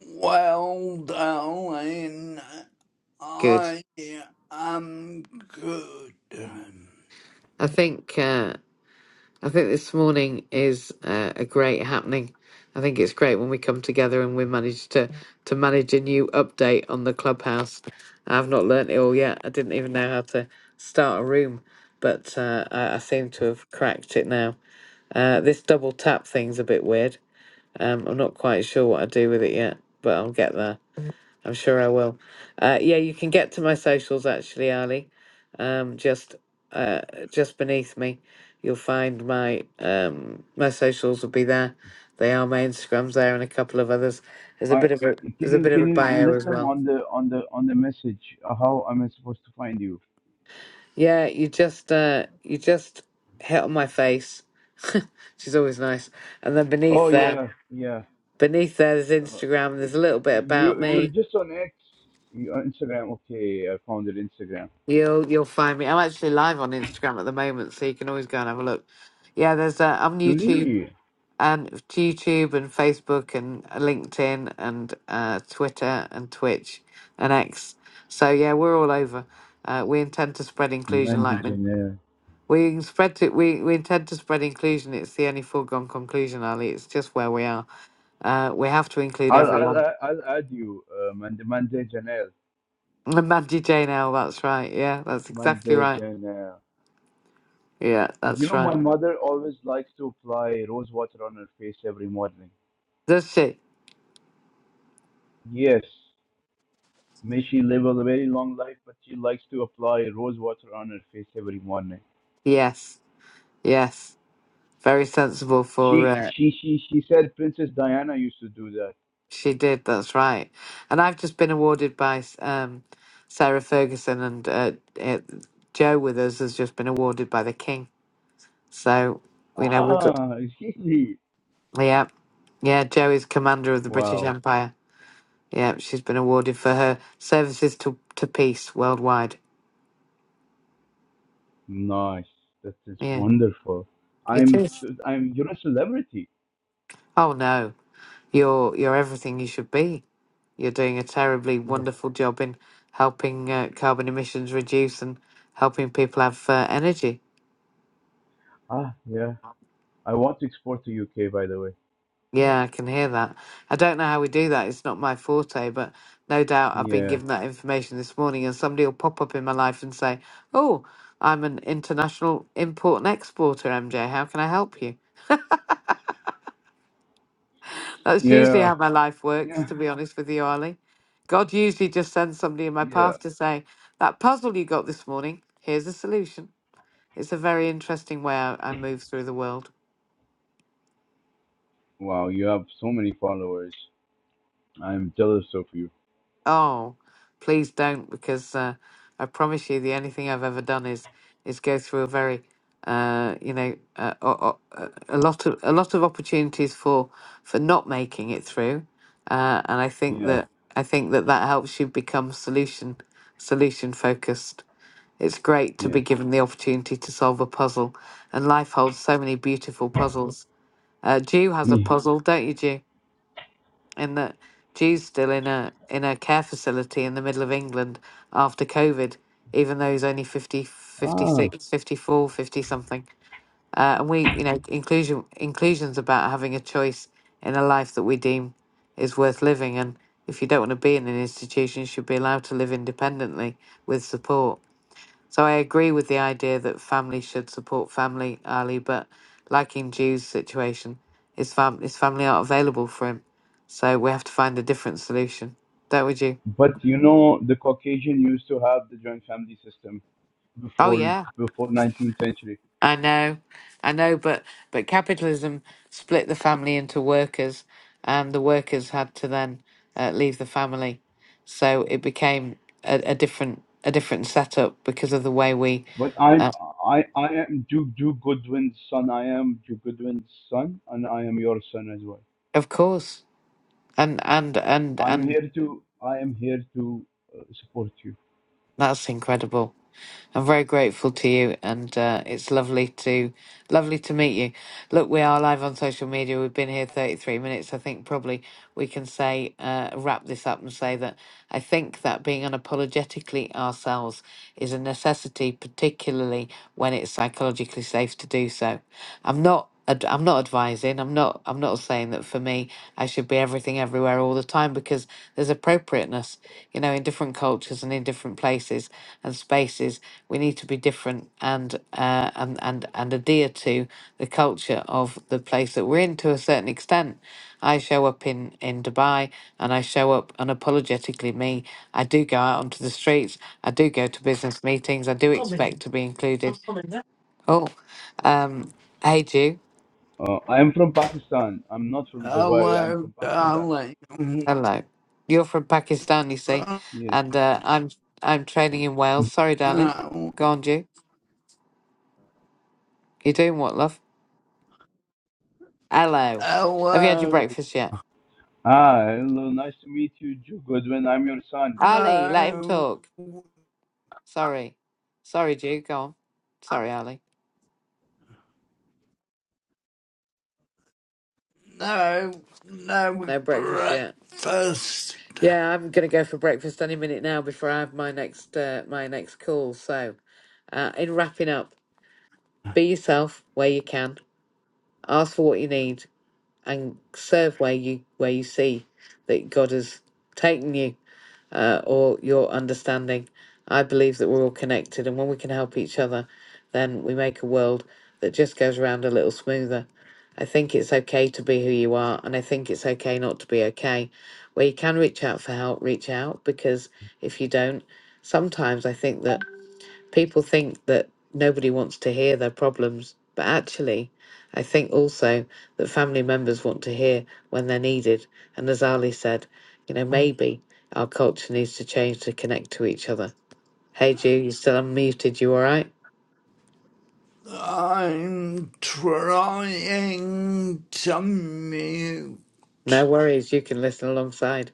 Speaker 5: well, darling,
Speaker 1: Good.
Speaker 5: I am good.
Speaker 1: I think. Uh, I think this morning is uh, a great happening. I think it's great when we come together and we manage to to manage a new update on the clubhouse. I've not learnt it all yet. I didn't even know how to start a room, but uh, I, I seem to have cracked it now. Uh, this double tap thing's a bit weird. Um, I'm not quite sure what I do with it yet, but I'll get there. I'm sure I will. Uh, yeah, you can get to my socials actually, Ali. Um, just uh, just beneath me, you'll find my um, my socials will be there. They are my Instagrams there and a couple of others. There's a
Speaker 4: I
Speaker 1: bit of a there's
Speaker 4: can
Speaker 1: a
Speaker 4: you
Speaker 1: bit of a
Speaker 4: can you
Speaker 1: bio
Speaker 4: list
Speaker 1: as
Speaker 4: them
Speaker 1: well.
Speaker 4: on the on the on the message? Uh, How am I supposed to find you?
Speaker 1: Yeah, you just uh, you just hit on my face. She's always nice. And then
Speaker 4: Oh
Speaker 1: beneath there,
Speaker 4: yeah, yeah.
Speaker 1: beneath there, there's
Speaker 4: Uh,
Speaker 1: Instagram. There's
Speaker 4: it's
Speaker 1: a little bit about
Speaker 4: you. You're
Speaker 1: me.
Speaker 4: just on X. You on Instagram? Okay, I found it Instagram.
Speaker 1: You'll you'll find me. I'm actually live on Instagram at the moment, so you can always go and have a look. Yeah, there's uh, I'm YouTube
Speaker 4: Really,
Speaker 1: and YouTube and Facebook and LinkedIn and uh, Twitter and Twitch and X. So yeah, we're all over. Uh, we intend to spread inclusion,
Speaker 4: Mandy
Speaker 1: like men.
Speaker 4: Janelle.
Speaker 1: We can spread to, we, we intend to spread inclusion. It's the only foregone conclusion, Ali. It's just where we are. Uh, we have to include
Speaker 4: I'll I'll
Speaker 1: everyone.
Speaker 4: I'll I'll add you, uh, Mandy Mandy Janelle.
Speaker 1: And Mandy Jane L, that's right. Yeah, that's exactly
Speaker 4: Monday,
Speaker 1: right.
Speaker 4: and uh,
Speaker 1: Yeah,
Speaker 4: you
Speaker 1: that's
Speaker 4: know,
Speaker 1: right.
Speaker 4: my mother always likes to apply rose water on her face every morning.
Speaker 1: Does she?
Speaker 4: Yes, may she live a very long life, but she likes to apply rose water on her face every morning.
Speaker 1: Yes. Yes, very sensible for
Speaker 4: She
Speaker 1: uh,
Speaker 4: she she she said Princess Diana used to do that.
Speaker 1: she did. That's right. And I've just been awarded by um, Sarah Ferguson and uh, uh Joe with us has just been awarded by the King. So you know we've got
Speaker 4: Ah, really?
Speaker 1: yeah, yeah. Joe is commander of the British
Speaker 4: Wow,
Speaker 1: Empire. Yeah, she's been awarded for her services to to peace worldwide.
Speaker 4: nice. That is
Speaker 1: Yeah,
Speaker 4: wonderful.
Speaker 1: it
Speaker 4: I'm
Speaker 1: is.
Speaker 4: I'm you're a celebrity.
Speaker 1: Oh no, you're you're everything you should be You're doing a terribly
Speaker 4: Yeah.
Speaker 1: wonderful job in helping uh, carbon emissions reduce and helping people have uh, energy.
Speaker 4: Ah, yeah. I want to export to UK, by the way.
Speaker 1: Yeah, I can hear that. I don't know how we do that. It's not my forte, but no doubt I've been
Speaker 4: Yeah.
Speaker 1: given that information this morning, and somebody will pop up in my life and say, Oh, I'm an international import and exporter, MJ. How can I help you? That's usually
Speaker 4: Yeah.
Speaker 1: how my life works,
Speaker 4: Yeah.
Speaker 1: to be honest with you, Ollie, God usually just sends somebody in my
Speaker 4: Yeah.
Speaker 1: path to say, That puzzle you got this morning, here's a solution. It's a very interesting way I, I move through the world.
Speaker 4: Wow, you have so many followers. I'm jealous of you.
Speaker 1: Oh, please don't, because uh, I promise you, the only thing I've ever done is is go through a very, uh, you know, uh, o- o- uh, a lot of a lot of opportunities for for not making it through, uh, and I think
Speaker 4: Yeah,
Speaker 1: that I think that that helps you become solution solution focused. It's great to be
Speaker 4: yes.
Speaker 1: given the opportunity to solve a puzzle, and life holds so many beautiful puzzles. Uh, Jew has a
Speaker 4: Yeah.
Speaker 1: puzzle, don't you, Jew? in that Jew's still in a in a care facility in the middle of England after COVID, even though he's only 50, fifty
Speaker 4: Ah,
Speaker 1: six, 54, 50 something. Uh, and we, you know, inclusion inclusion's about having a choice in a life that we deem is worth living. And if you don't want to be in an institution, you should be allowed to live independently with support. So I agree with the idea that family should support family, Ali, but like in Jew's situation, his, fam- his family aren't available for him. So we have to find a different solution. Don't we, Jew?
Speaker 4: but you know, the Caucasian used to have the joint family system
Speaker 1: Oh,
Speaker 4: before
Speaker 1: yeah.
Speaker 4: before 19th century.
Speaker 1: I know. I know, but, but capitalism split the family into workers, and the workers had to then uh, leave the family. So it became a, a different a different setup because of the way we,
Speaker 4: But I'm
Speaker 1: uh,
Speaker 4: I I am Duke Duke Goodwin's son. I am Duke Goodwin's son, and I am your son as well.
Speaker 1: of course, and and and
Speaker 4: I'm
Speaker 1: and
Speaker 4: here to I am here to uh, support you.
Speaker 1: that's incredible. I'm very grateful to you, and uh, it's lovely to lovely to meet you. Look, we are live on social media. We've been here 33 minutes. I think probably we can say uh, wrap this up and say that I think that being unapologetically ourselves is a necessity, particularly when it's psychologically safe to do so. I'm not. ad- I'm not advising. I'm not. I'm not saying that for me, I should be everything everywhere all the time because there's appropriateness, you know, in different cultures and in different places and spaces. We need to be different and uh, and and and adhere to the culture of the place that we're in to a certain extent. I show up in in Dubai and I show up unapologetically me. I do go out onto the streets. I do go to business meetings. I do expect to be included. Oh, um, hey Jew,
Speaker 4: Uh, I am from Pakistan. I'm not from Dubai. I'm
Speaker 5: Hello,
Speaker 4: from Pakistan.
Speaker 5: darling.
Speaker 1: hello. You're from Pakistan, you see, and
Speaker 4: Yes.
Speaker 1: uh, I'm I'm training in Wales. Sorry, darling.
Speaker 5: Hello,
Speaker 1: Go on, Jew. You're doing what, love? Hello. Have you had your
Speaker 5: hello,
Speaker 1: breakfast yet?
Speaker 4: Ah, hello, nice to meet you, Joe Goodwin. I'm your son.
Speaker 1: Ali, let him
Speaker 5: no,
Speaker 1: talk. Sorry. Sorry, Duke. Go on. Sorry, Ali.
Speaker 5: no, no
Speaker 1: No breakfast yet.
Speaker 5: breakfast.
Speaker 1: Yeah, I'm gonna go for breakfast any minute now before I have my next uh, my next call. So, uh, in wrapping up, be yourself where you can. Ask for what you need and serve where you where you see that God has taken you. uh, or your understanding. I believe that we're all connected, and when we can help each other, then we make a world that just goes around a little smoother. I think it's okay to be who you are, and I think it's okay not to be okay. Where you can reach out for help, reach out because if you don't, sometimes I think that People think that nobody wants to hear their problems, but actually, I think also that family members want to hear when they're needed. And as Ali said, you know, maybe our culture needs to change to connect to each other. Hey, Ju, you still unmuted? You all right?
Speaker 5: I'm trying to mute.
Speaker 1: No worries, you can listen alongside.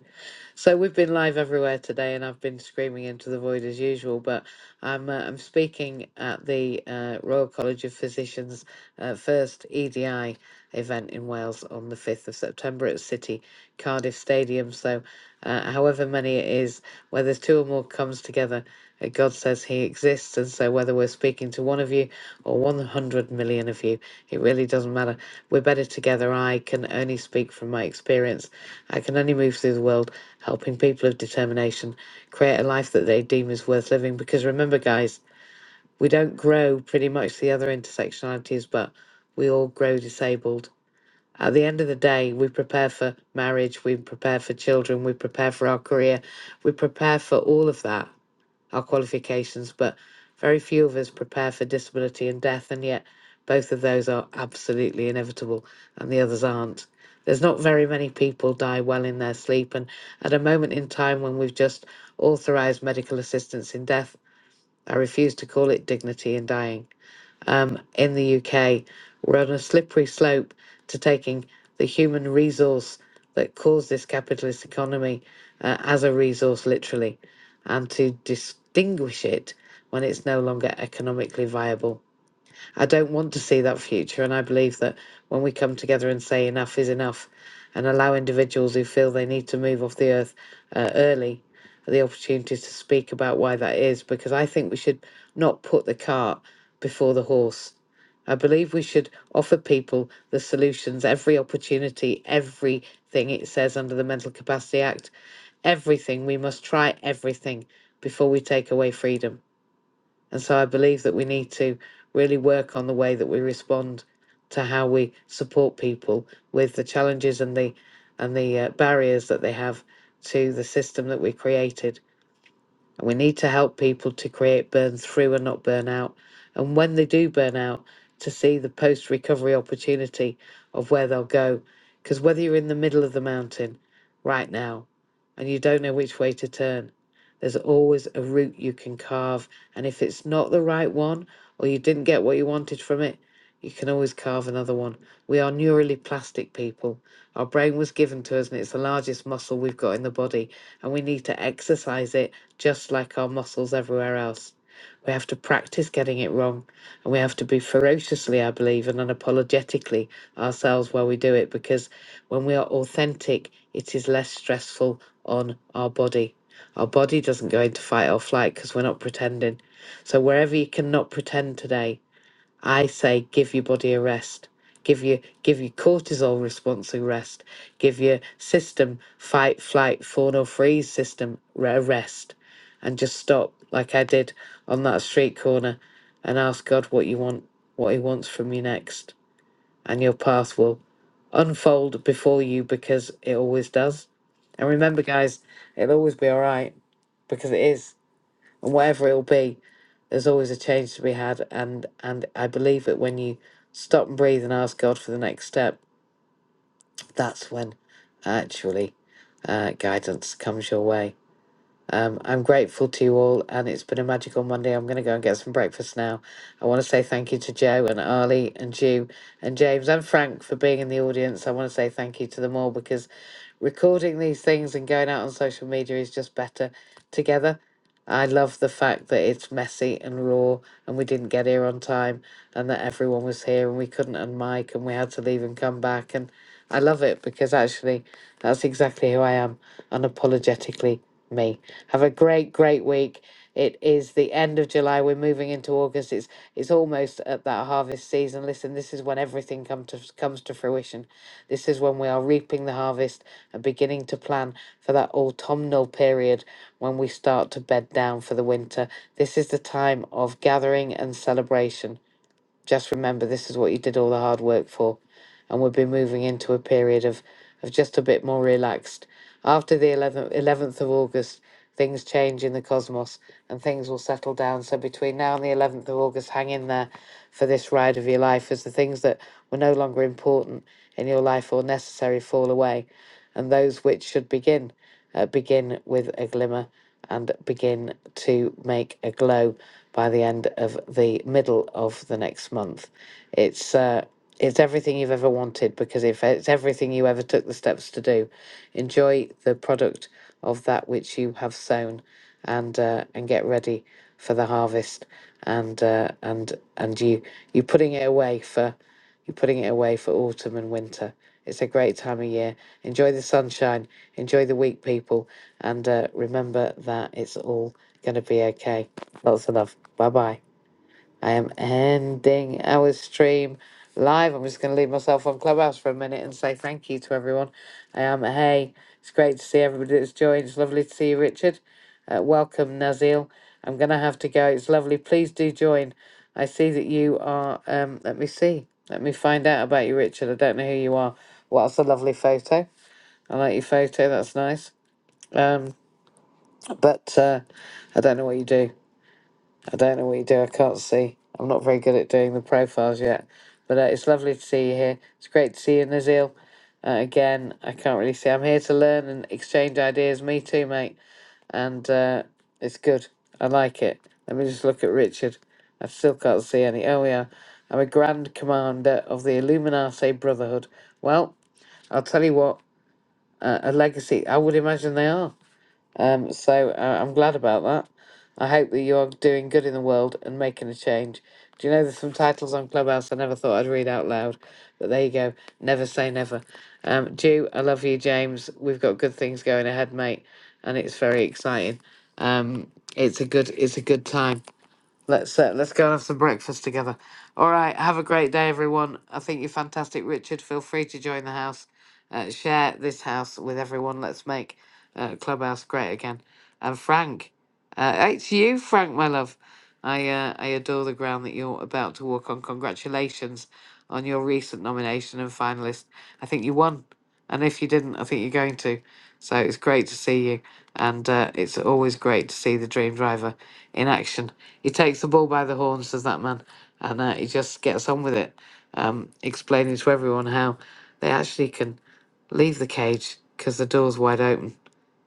Speaker 1: So we've been live everywhere today, and I've been screaming into the void as usual. But I'm uh, I'm speaking at the uh, Royal College of Physicians uh, first EDI event in Wales on the 5th of September at City Cardiff Stadium. So, uh, however many it is, where there's two or more comes together, uh, God says He exists, and so whether we're speaking to one of you or 100 million of you, it really doesn't matter. We're better together. I can only speak from my experience. I can only move through the world helping people of determination create a life that they deem is worth living. Because remember, guys, we don't grow pretty much the other intersectionalities, but we all grow disabled. At the end of the day, we prepare for marriage, we prepare for children, we prepare for our career, we prepare for all of that our qualifications, but very few of us prepare for disability and death, and yet both of those are absolutely inevitable and the others aren't. There's not very many people die well in their sleep, and at a moment in time when we've just authorised medical assistance in death, I refuse to call it dignity in dying um, in the UK. We're on a slippery slope to taking the human resource that caused this capitalist economy uh, as a resource, literally, and to distinguish it when it's no longer economically viable. I don't want to see that future. And I believe that when we come together and say enough is enough and allow individuals who feel they need to move off the earth uh, early the opportunity to speak about why that is, because I think we should not put the cart before the horse. I believe we should offer people the solutions, every opportunity, everything it says under the Mental Capacity Act, everything. We must try everything before we take away freedom. And so I believe that we need to really work on the way that we respond to how we support people with the challenges and the and the uh, barriers that they have to the system that we created and we need to help people to create burn through and not burn out. And when they do burn out, to see the post recovery opportunity of where they'll go. Because whether you're in the middle of the mountain right now and you don't know which way to turn, there's always a route you can carve. And if it's not the right one or you didn't get what you wanted from it, you can always carve another one. We are neurally plastic people. Our brain was given to us and it's the largest muscle we've got in the body. And we need to exercise it just like our muscles everywhere else. We have to practice getting it wrong, and we have to be ferociously, I believe, and unapologetically ourselves while we do it, because when we are authentic, it is less stressful on our body. Our body doesn't go into fight or flight because we're not pretending. So, wherever you cannot pretend today, I say give your body a rest. Give your give your cortisol response a rest. Give your system fight, flight, fawn or freeze system re- a rest, and just stop like I did on that street corner, and ask God what you want, what He wants from you next, and your path will unfold before you because it always does. And remember, guys, it'll always be all right because it is, and whatever it'll be, there's always a change to be had, and and I believe that when you stop and breathe and ask God for the next step, that's when actually uh, guidance comes your way. Um, I'm grateful to you all, and it's been a magical Monday. I'm going to go and get some breakfast now. I want to say thank you to Joe and Arlie and Jew and James and Frank for being in the audience. I want to say thank you to them all because recording these things and going out on social media is just better together. I love the fact that it's messy and raw, and we didn't get here on time, and that everyone was here, and we couldn't unmic, and we had to leave and come back. And I love it because actually, that's exactly who I am, unapologetically me. Have a great, great week. It is the end of July. We're moving into August. It's it's almost at that harvest season. Listen, this is when everything comes to comes to fruition. This is when we are reaping the harvest and beginning to plan for that autumnal period when we start to bed down for the winter. This is the time of gathering and celebration just remember this is what you did all the hard work for. And we'll be moving into a period of, of just a bit more relaxed. After the 11th, 11th of August, things change in the cosmos and things will settle down. So between now and the 11th of August, hang in there for this ride of your life as the things that were no longer important in your life or necessary fall away and those which should begin uh, begin with a glimmer and begin to make a glow by the end of the middle of the next month. It's uh, it's everything you've ever wanted because if it's everything you ever took the steps to do, enjoy the product of that which you have sown, and uh, and get ready for the harvest, and uh, and and you you putting it away for. You're putting it away for autumn and winter. It's a great time of year. Enjoy the sunshine. Enjoy the week, people. And uh, remember that it's all going to be okay. Lots of love. Bye bye. I am ending our stream live. I'm just going to leave myself on Clubhouse for a minute and say thank you to everyone. I am. Hey, it's great to see everybody that's joined. It's lovely to see you, Richard. Uh, welcome, Nazil. I'm going to have to go. It's lovely. Please do join. I see that you are. Um, let me see. Let me find out about you, Richard. I don't know who you are. Well, that's a lovely photo. I like your photo. That's nice. Um, but uh, I don't know what you do. I don't know what you do. I can't see. I'm not very good at doing the profiles yet. But uh, it's lovely to see you here. It's great to see you, Nazil. Uh, again, I can't really see. I'm here to learn and exchange ideas. Me too, mate. And uh, it's good. I like it. Let me just look at Richard. I still can't see any. Oh, yeah. I'm a Grand Commander of the Illuminati Brotherhood. Well, I'll tell you what, uh, a legacy. I would imagine they are. Um, so uh, I'm glad about that. I hope that you are doing good in the world and making a change. Do you know there's some titles on Clubhouse I never thought I'd read out loud, but there you go. Never say never. Um, Jew, I love you, James. We've got good things going ahead, mate, and it's very exciting. Um, it's a good, it's a good time. Let's uh, let's go and have some breakfast together. All right, have a great day, everyone. I think you're fantastic, Richard. Feel free to join the house, uh, share this house with everyone. Let's make uh, Clubhouse great again. And Frank. Uh, it's you, Frank, my love. I uh, I adore the ground that you're about to walk on. Congratulations on your recent nomination and finalist. I think you won, and if you didn't, I think you're going to. So it's great to see you, and uh, it's always great to see the dream driver in action. He takes the bull by the horns, does that man, and uh, he just gets on with it, um, explaining to everyone how they actually can leave the cage because the door's wide open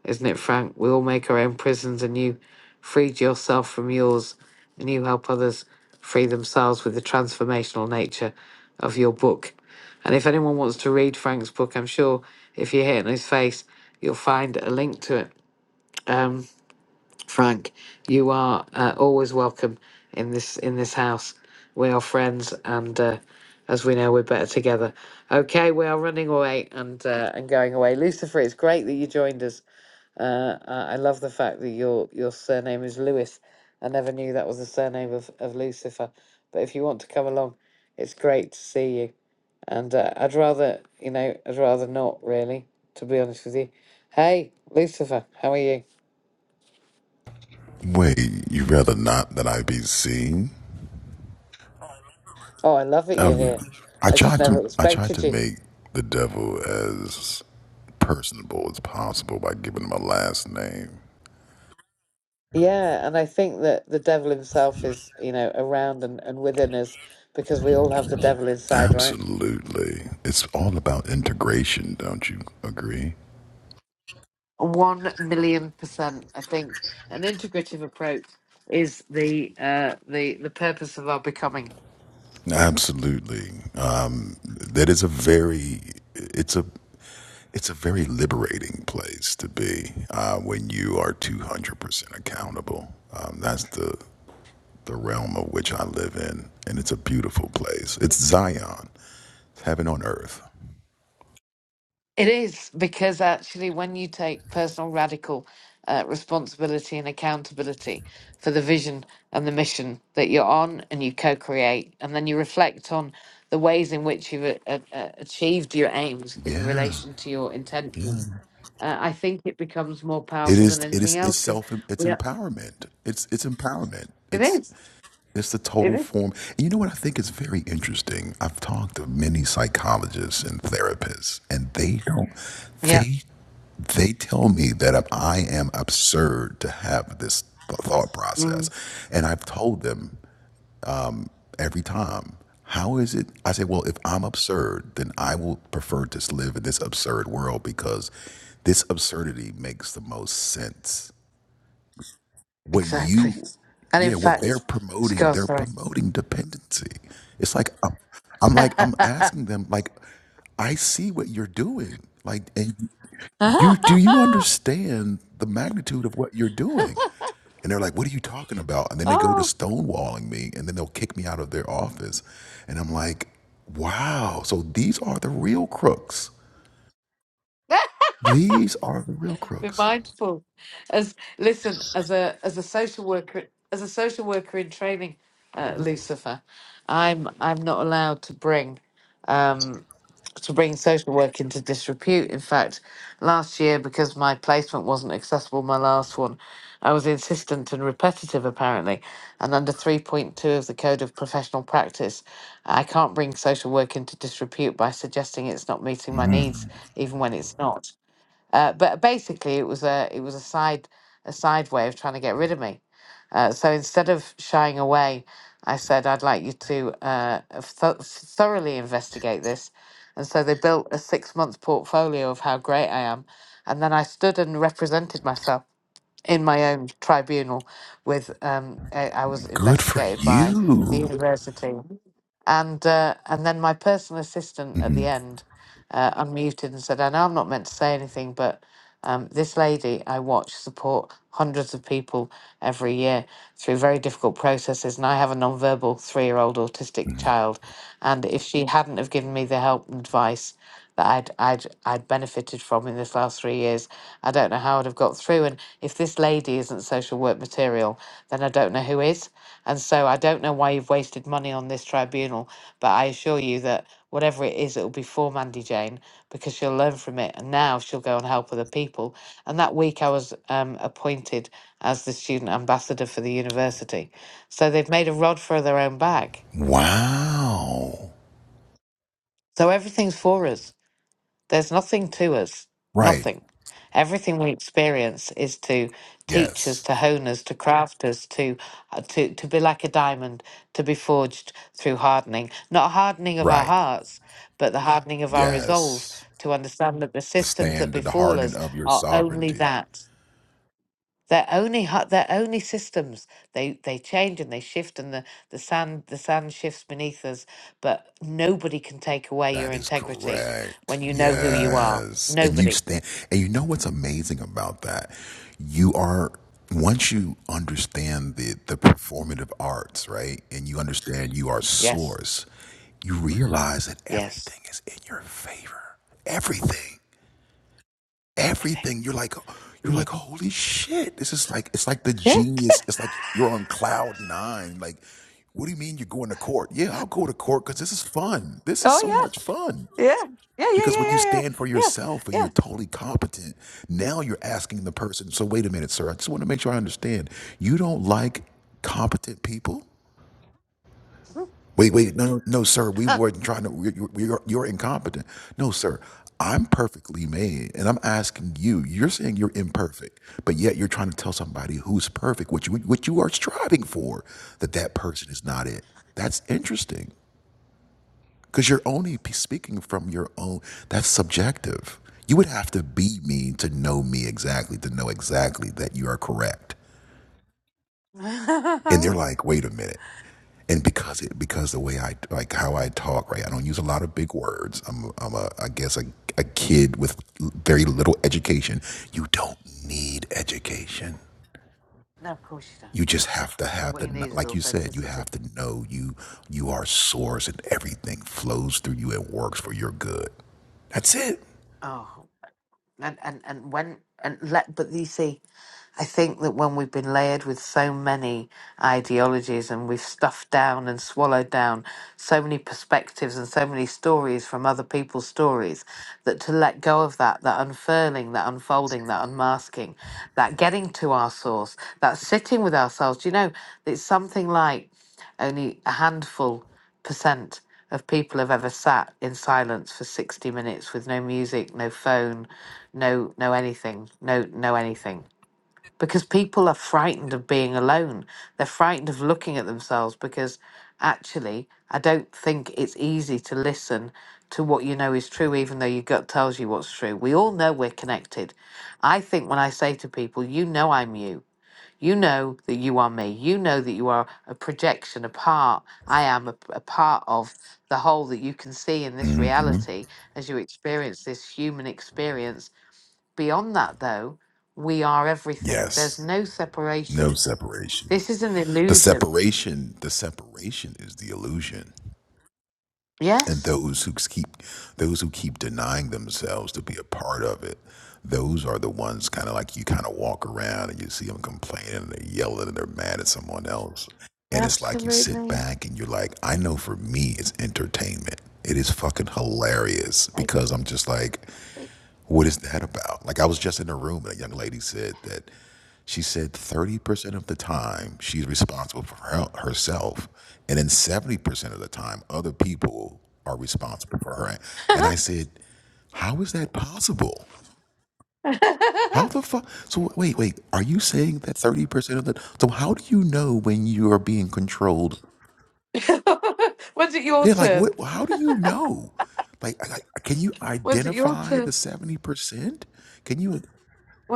Speaker 1: isn't it, Frank? We all make our own prisons, and you freed yourself from yours, and you help others free themselves with the transformational nature of your book. And if anyone wants to read Frank's book, I'm sure if you hit it in his face, you'll find a link to it. Um, Frank, you are uh, always welcome in this in this house. We are friends, and uh, as we know, we're better together. Okay, we are running away and uh, and going away. Lucifer, it's great that you joined us. Uh, I I love the fact that your your surname is Lewis. I never knew that was the surname of, of Lucifer. But if you want to come along, it's great to see you. And uh, I'd rather, you know, I'd rather not really, to be honest with you. Hey, Lucifer, how are you?
Speaker 6: Wait, you'd rather not that I be seen?
Speaker 1: Oh, I love it you're
Speaker 6: Oh yeah.
Speaker 1: here.
Speaker 6: I
Speaker 1: I just
Speaker 6: tried
Speaker 1: never
Speaker 6: to I tried
Speaker 1: expected
Speaker 6: to
Speaker 1: you.
Speaker 6: make the devil as personable as possible by giving him a last name.
Speaker 1: Yeah, and I think that the devil himself is, you know, around and, and within us because we all have the devil inside, right?
Speaker 6: Absolutely. It's all about integration, don't you agree?
Speaker 1: One million percent, I think an integrative approach is the uh, the the purpose of our becoming.
Speaker 6: Absolutely. Um, that is a very it's a it's a very liberating place to be uh, when you are 200% accountable. Um, that's the the realm of which I live in, and it's a beautiful place. It's Zion, it's heaven on earth.
Speaker 1: It is because actually, when you take personal radical uh, responsibility and accountability for the vision and the mission that you're on, and you co-create, and then you reflect on the ways in which you've a, a, a- achieved your aims in
Speaker 6: Yeah,
Speaker 1: relation to your
Speaker 6: yeah.
Speaker 1: intention, uh, I think it becomes more
Speaker 6: It
Speaker 1: powerful than
Speaker 6: is. It
Speaker 1: anything
Speaker 6: is. It's
Speaker 1: else because
Speaker 6: self. It's
Speaker 1: we are,
Speaker 6: empowerment. It's it's empowerment.
Speaker 1: it
Speaker 6: It's
Speaker 1: is,
Speaker 6: it's the
Speaker 1: it
Speaker 6: total
Speaker 1: is,
Speaker 6: form. And you know what I think is very interesting. I've talked to many psychologists and therapists, and they don't.
Speaker 1: yeah.
Speaker 6: They they tell me that I'm- I am absurd to have this thought process, and I've told them every time. How is it? I say, well, if I'm absurd, then I will prefer to live in this absurd world because this absurdity makes the most sense. What
Speaker 1: Exactly.
Speaker 6: you,
Speaker 1: And in
Speaker 6: yeah, what they're
Speaker 1: fact, s-
Speaker 6: promoting, they're
Speaker 1: sorry.
Speaker 6: promoting dependency. It's like I'm, I'm like I'm asking them, like, I see what you're doing, like, and you do you understand the magnitude of what you're doing and they're like what are you talking about and then they go to
Speaker 1: oh,
Speaker 6: stonewalling me and then they'll kick me out of their office and i'm like wow so these are the real crooks these are the real
Speaker 1: be
Speaker 6: crooks
Speaker 1: mindful. As listen, as a as a social worker, as a social worker in training, uh, Lucifer, I'm I'm not allowed to bring. um, to bring social work into disrepute. In fact, last year, because my placement wasn't accessible, my last one, I was insistent and repetitive apparently. And under 3.2 of the Code of Professional Practice, I can't bring social work into disrepute by suggesting it's not meeting my needs,
Speaker 6: Mm,
Speaker 1: even when it's not. Uh, but basically, it was a it was a side a side way of trying to get rid of me. Uh, so instead of shying away, I said I'd like you to uh, th- thoroughly investigate this. And so they built a six month portfolio of how great I am, and then I stood and represented myself in my own tribunal with um I, I was
Speaker 6: good for
Speaker 1: investigated by the
Speaker 6: you
Speaker 1: university and uh, and then my personal assistant at
Speaker 6: hmm
Speaker 1: the end uh, unmuted and said, "I know I'm not meant to say anything, but um, this lady I watch support hundreds of people every year through very difficult processes, and I have a nonverbal three-year-old autistic child, and if she hadn't have given me the help and advice." that I'd I'd I'd benefited from in this last three years. I don't know how I'd have got through. And if this lady isn't social work material, then I don't know who is. And so I don't know why you've wasted money on this tribunal, but I assure you that whatever it is, it'll be for Mandy Jane because she'll learn from it. And now she'll go and help other people. And that week I was um, appointed as the student ambassador for the university. So they've made a rod for their own back.
Speaker 6: wow
Speaker 1: So everything's for us. There's nothing to us,
Speaker 6: right
Speaker 1: nothing. Everything we experience is to teach us,
Speaker 6: yes
Speaker 1: to hone us, to craft us, to, uh, to, to be like a diamond, to be forged through hardening. Not a hardening of our
Speaker 6: right
Speaker 1: hearts, but the Yeah. hardening of our resolve
Speaker 6: yes
Speaker 1: to understand that the systems that
Speaker 6: stand to the
Speaker 1: befall
Speaker 6: hardening
Speaker 1: us
Speaker 6: of your
Speaker 1: are only
Speaker 6: sovereignty
Speaker 1: that. They're only hu- they're only systems. They they change and they shift, and the the sand the sand shifts beneath us. But nobody can take away your
Speaker 6: That is
Speaker 1: integrity
Speaker 6: correct.
Speaker 1: when you know who you are.
Speaker 6: Yes. And you
Speaker 1: Nobody.
Speaker 6: stand and you know what's amazing about that? You are once you understand the the performative arts, right? And you understand you are
Speaker 1: Yes.
Speaker 6: source, you realize that
Speaker 1: Yes.
Speaker 6: everything is in your favor. Everything.
Speaker 1: I think.
Speaker 6: Everything. You're like you're
Speaker 1: You.
Speaker 6: like,
Speaker 1: are.
Speaker 6: holy shit. This is like it's like the
Speaker 1: Yeah.
Speaker 6: genius. It's like you're on cloud nine. Like, what do you mean you're going to court? Yeah, I'll go to court because this is fun. This is so
Speaker 1: Oh
Speaker 6: much fun.
Speaker 1: yeah. Yeah. Yeah. Yeah.
Speaker 6: Because when you
Speaker 1: Yeah.
Speaker 6: stand for
Speaker 1: Yeah.
Speaker 6: yourself and you're totally competent, now you're asking the person, so wait a minute, sir, I just want to make sure I understand. You don't like competent people?
Speaker 1: Yeah. Yeah.
Speaker 6: Wait, wait, no, no, no, sir, we
Speaker 1: yeah.
Speaker 6: weren't trying to, we- you- you're, you're incompetent. No, sir, I'm perfectly made and I'm asking you, you're saying you're imperfect, but yet you're trying to tell somebody who's perfect, which you, what you are striving for, that that person is not it. That's interesting. Because you're only p- speaking from your own, that's subjective. You would have to be me to know me exactly, to know exactly that you are correct. And they're
Speaker 1: no,
Speaker 6: like, wait a minute. And because it, because the way I, like how I talk, right? I don't use a lot of big words. I'm, I'm a, I guess a, a kid with very little education. You don't need education.
Speaker 1: of course you don't.
Speaker 6: You just have to have
Speaker 1: What
Speaker 6: the,
Speaker 1: you need
Speaker 6: kn-
Speaker 1: is
Speaker 6: like you said, you
Speaker 1: authenticity.
Speaker 6: have to know you, you are source and everything flows through you and works for your good. That's it.
Speaker 1: Oh, and and and when and let but you see. I think that when we've been layered with so many ideologies and we've stuffed down and swallowed down so many perspectives and so many stories from other people's stories, that to let go of that, that unfurling, that unfolding, that unmasking, that getting to our source, that sitting with ourselves, do you know, it's something like only a handful percent of people have ever sat in silence for 60 minutes with no music, no phone, no no anything, no no anything because people are frightened of being alone. They're frightened of looking at themselves because actually, I don't think it's easy to listen to what you know is true, even though your gut tells you what's true. We all know we're connected. I think when I say to people, you know I'm you. You know that you are me. You know that you are a projection, a part. I am a, a part of the whole that you can see in this
Speaker 6: hmm
Speaker 1: reality as you experience this human experience Beyond that, though, we are everything. There's
Speaker 6: Yes.
Speaker 1: no
Speaker 6: No
Speaker 1: separation.
Speaker 6: separation.
Speaker 1: This is an
Speaker 6: The
Speaker 1: illusion.
Speaker 6: separation, the separation is the illusion. And
Speaker 1: Yes,
Speaker 6: those who keep those who keep denying themselves to be a part of it, those are the ones kind of like you kind of walk around and you see them complaining and they're yelling and they're mad at someone else. And it's like you sit
Speaker 1: absolutely.
Speaker 6: back and you're like, I know for me it's entertainment. It is fucking hilarious
Speaker 1: I-
Speaker 6: because I'm just like, What is that about? Like I was just in a room and a young lady said that she said 30% of the time she's responsible for her, herself and then 70% of the time other people are responsible for her. And I said, "How is that possible?" How the fuck? So wait, wait. Are you saying that 30% of the So how do you know when you are being controlled?
Speaker 1: When's it your
Speaker 6: They're like,
Speaker 1: turn?
Speaker 6: "What how do you know?" Like, I- I- can you
Speaker 1: When's it your
Speaker 6: identify
Speaker 1: turn?
Speaker 6: the 70%? Can you?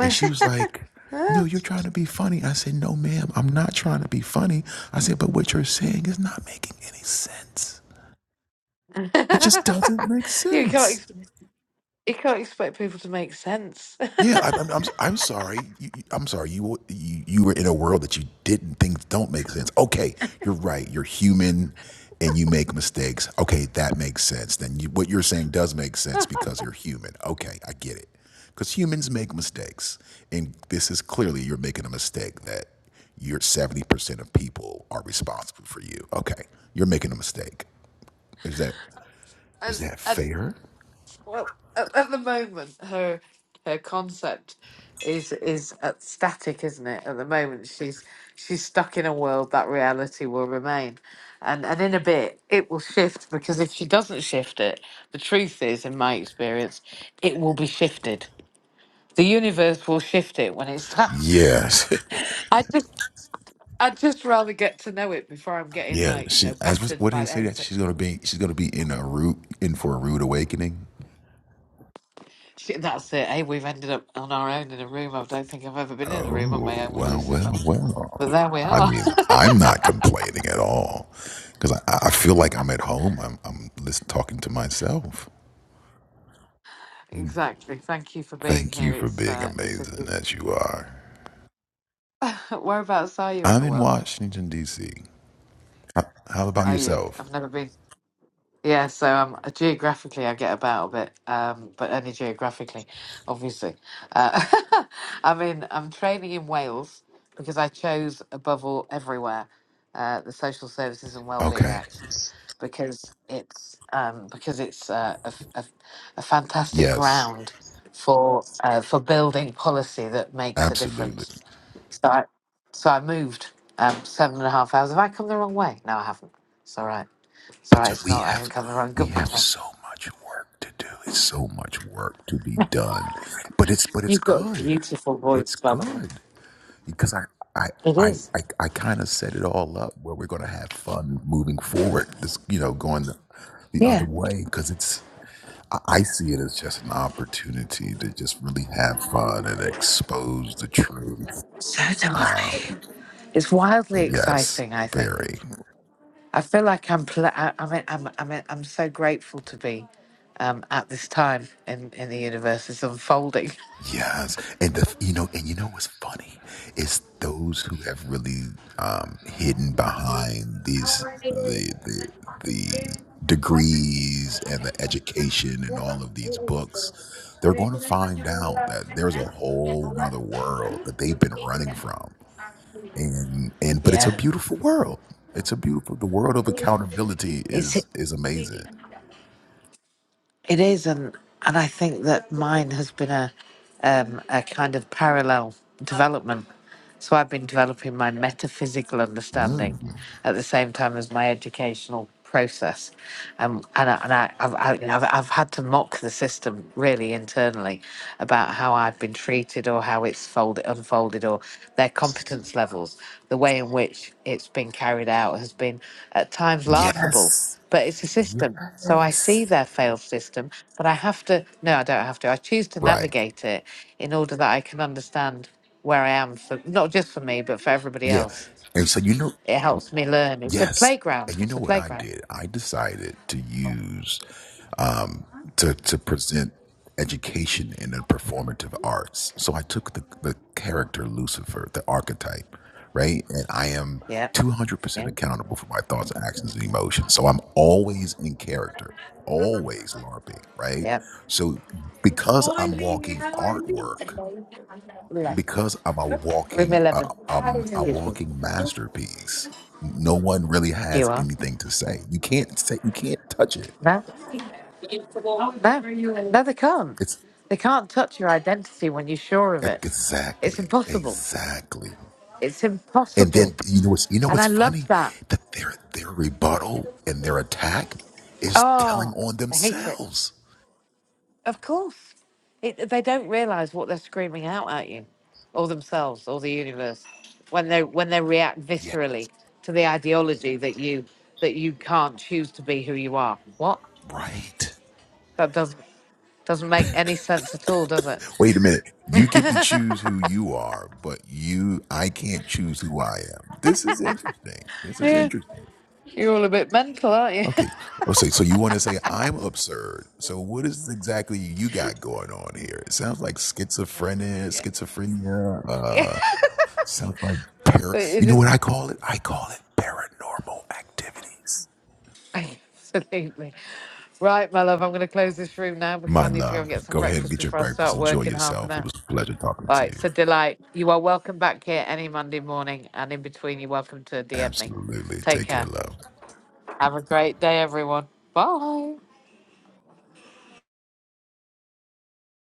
Speaker 6: And she was like, No, you're trying to be funny. I said, No, ma'am, I'm not trying to be funny. I said, But what you're saying is not making any sense. It just doesn't make
Speaker 1: you can't.
Speaker 6: sense.
Speaker 1: Ex- you can't expect people to make sense.
Speaker 6: Yeah, I'm, I'm, I'm, I'm sorry. You, you- I'm sorry. You, were- you you were in a world that you didn't think don't make sense. Okay, you're right. You're human, and you make mistakes. Okay, that makes sense. Then you, what you're saying does make sense because you're human. Okay, I get it. Because humans make mistakes, and this is clearly you're making a mistake that you're seventy percent of people are responsible for you. Okay, you're making a mistake. Is that is
Speaker 1: and,
Speaker 6: that
Speaker 1: and
Speaker 6: fair?
Speaker 1: Well, at, at the moment, her her concept is is uh, static, isn't it? At the moment, she's she's stuck in a world that reality will remain, and and in a bit it will shift because if she doesn't shift it, the truth is, in my experience, it will be shifted. The universe will shift it when it's time.
Speaker 6: Yes.
Speaker 1: I just. I'd just rather get to know it before I'm getting
Speaker 6: Yeah,
Speaker 1: like you
Speaker 6: she,
Speaker 1: know
Speaker 6: as what
Speaker 1: battered
Speaker 6: did
Speaker 1: by
Speaker 6: they
Speaker 1: the
Speaker 6: say
Speaker 1: head.
Speaker 6: that she's gonna be? She's gonna be in a rude, in for a rude awakening.
Speaker 1: Shit, that's it. Hey, we've ended up on our own in a room. I don't think I've ever been in a room on my
Speaker 6: Oh
Speaker 1: own with
Speaker 6: well,
Speaker 1: Lucifer.
Speaker 6: well, well.
Speaker 1: But there we
Speaker 6: I
Speaker 1: are.
Speaker 6: mean, I'm not complaining at all because I, I feel like I'm at home. I'm I'm listen, talking to myself.
Speaker 1: exactly. Thank you for being
Speaker 6: Thank
Speaker 1: here.
Speaker 6: you for
Speaker 1: It's
Speaker 6: being
Speaker 1: uh, it's a
Speaker 6: amazing
Speaker 1: good...
Speaker 6: as you are.
Speaker 1: whereabouts are you in
Speaker 6: I'm
Speaker 1: the
Speaker 6: in
Speaker 1: world?
Speaker 6: Washington D.C. How, how about
Speaker 1: Are you?
Speaker 6: yourself?
Speaker 1: I've never been. Yeah, so um, uh, geographically I get about a bit, um, but only geographically, obviously. Uh, I'm in. I'm training in Wales because I chose above all everywhere uh, the Social Services and Wellbeing
Speaker 6: Okay.
Speaker 1: Act. because it's um, because it's uh, a, f- a f- a fantastic
Speaker 6: Yes,
Speaker 1: ground for uh, for building policy that makes a
Speaker 6: absolutely.
Speaker 1: difference. So I, so I moved um, seven and a half hours. Have I come the wrong way? No, I haven't. It's all right. It's all
Speaker 6: But
Speaker 1: right. It's
Speaker 6: we
Speaker 1: not. I haven't
Speaker 6: have
Speaker 1: come the wrong.
Speaker 6: we
Speaker 1: Good
Speaker 6: have
Speaker 1: morning.
Speaker 6: so much work to do. It's so much work to be done. But it's but it's
Speaker 1: You've got a
Speaker 6: good.
Speaker 1: beautiful voice,
Speaker 6: It's
Speaker 1: by the way.
Speaker 6: good because I I
Speaker 1: It
Speaker 6: I
Speaker 1: is.
Speaker 6: I, I kind of set it all up where we're going to have fun moving forward. This you know going the, the other
Speaker 1: Yeah.
Speaker 6: way because it's I I see it as just an opportunity to just really have fun and expose the truth.
Speaker 1: So do I.
Speaker 6: Um,
Speaker 1: It's wildly
Speaker 6: yes,
Speaker 1: exciting. I think.
Speaker 6: very.
Speaker 1: I feel like I'm. Pl- I, I mean, I'm. I mean, I'm so grateful to be um, at this time in in the universe is unfolding.
Speaker 6: Yes, and the you know, and you know what's funny? It's those who have really um, hidden behind these the the the degrees and the education and all of these books. They're going to find out that there's a whole nother world that they've been running from, and and but it's a
Speaker 1: Yeah,
Speaker 6: beautiful world. It's a beautiful. The world of accountability
Speaker 1: it's.
Speaker 6: is is amazing.
Speaker 1: It is, and and I think that mine has been a um, a kind of parallel development. So I've been developing my metaphysical understanding
Speaker 6: Mm.
Speaker 1: at the same time as my educational process, um, and I, and I, I've, I, you know, I've I've had to mock the system really internally about how I've been treated or how it's folded unfolded or their competence levels, the way in which it's been carried out has been at times laughable
Speaker 6: Yes.
Speaker 1: but it's a system. So I see
Speaker 6: Yes.
Speaker 1: their failed system, but I have to, no, I don't have to. I choose to
Speaker 6: Right.
Speaker 1: navigate it in order that I can understand where I am for not just for me, but for everybody
Speaker 6: Yeah.
Speaker 1: else.
Speaker 6: And so, you know,
Speaker 1: It helps me learn. It's a
Speaker 6: yes.
Speaker 1: playground.
Speaker 6: And you
Speaker 1: It's
Speaker 6: know
Speaker 1: a
Speaker 6: what I
Speaker 1: playground.
Speaker 6: did? I decided to use, um, to, to present education in the performative arts. So I took the, the character Lucifer, the archetype, right? And I am
Speaker 1: Yeah.
Speaker 6: 200%
Speaker 1: Yeah.
Speaker 6: accountable for my thoughts, actions, and emotions. So I'm always in character, always LARPing, right?
Speaker 1: Yeah.
Speaker 6: So because I'm walking artwork,
Speaker 1: Le-
Speaker 6: because I'm a
Speaker 1: Room
Speaker 6: walking, uh,
Speaker 1: 11.
Speaker 6: i a
Speaker 1: Excuse me.
Speaker 6: walking masterpiece. No one really
Speaker 1: You
Speaker 6: has
Speaker 1: are?
Speaker 6: anything to say. You can't say, you can't touch it.
Speaker 1: No? No. No, they can't.
Speaker 6: It's
Speaker 1: They can't touch your identity when you're sure of it. It's
Speaker 6: exactly,
Speaker 1: impossible.
Speaker 6: exactly.
Speaker 1: It's
Speaker 6: And then
Speaker 1: impossible.
Speaker 6: you know what's, you know
Speaker 1: And
Speaker 6: what's
Speaker 1: I
Speaker 6: funny
Speaker 1: love that.
Speaker 6: that their their rebuttal and their attack is telling
Speaker 1: Oh,
Speaker 6: on
Speaker 1: I hate it.
Speaker 6: themselves.
Speaker 1: Of course. It, they don't realize what they're screaming out at you or themselves or the universe when they when they react
Speaker 6: Yeah,
Speaker 1: viscerally to the ideology that you that you can't choose to be who you are. What?
Speaker 6: right.
Speaker 1: That doesn't doesn't make any sense at all, does it?
Speaker 6: Wait a minute. You get to choose who you are, but you, I can't choose who I am. This is interesting. This is
Speaker 1: yeah.
Speaker 6: interesting.
Speaker 1: You're all a bit mental, aren't you?
Speaker 6: Okay. Oh, so so you want to say I'm absurd. So what is exactly you got going on here? It sounds like schizophrenia,
Speaker 1: yeah.
Speaker 6: schizophrenia,
Speaker 1: Yeah.
Speaker 6: uh sounds like para
Speaker 1: But
Speaker 6: you
Speaker 1: it
Speaker 6: know
Speaker 1: is
Speaker 6: what I call it? I call it paranormal activities.
Speaker 1: absolutely. Right, my love, I'm going to close this room now because I
Speaker 6: My
Speaker 1: need to go and get
Speaker 6: love,
Speaker 1: some
Speaker 6: go ahead and
Speaker 1: breakfast
Speaker 6: get your
Speaker 1: before I
Speaker 6: breakfast.
Speaker 1: start
Speaker 6: Enjoy
Speaker 1: work in half an
Speaker 6: yourself. It
Speaker 1: hour.
Speaker 6: was a pleasure talking to
Speaker 1: Right,
Speaker 6: you.
Speaker 1: so Delight, you are welcome back here any Monday morning, and in between, you're welcome to DM me.
Speaker 6: Absolutely.
Speaker 1: Take
Speaker 6: Take care,
Speaker 1: care.
Speaker 6: love.
Speaker 1: Have a great day, everyone. Bye.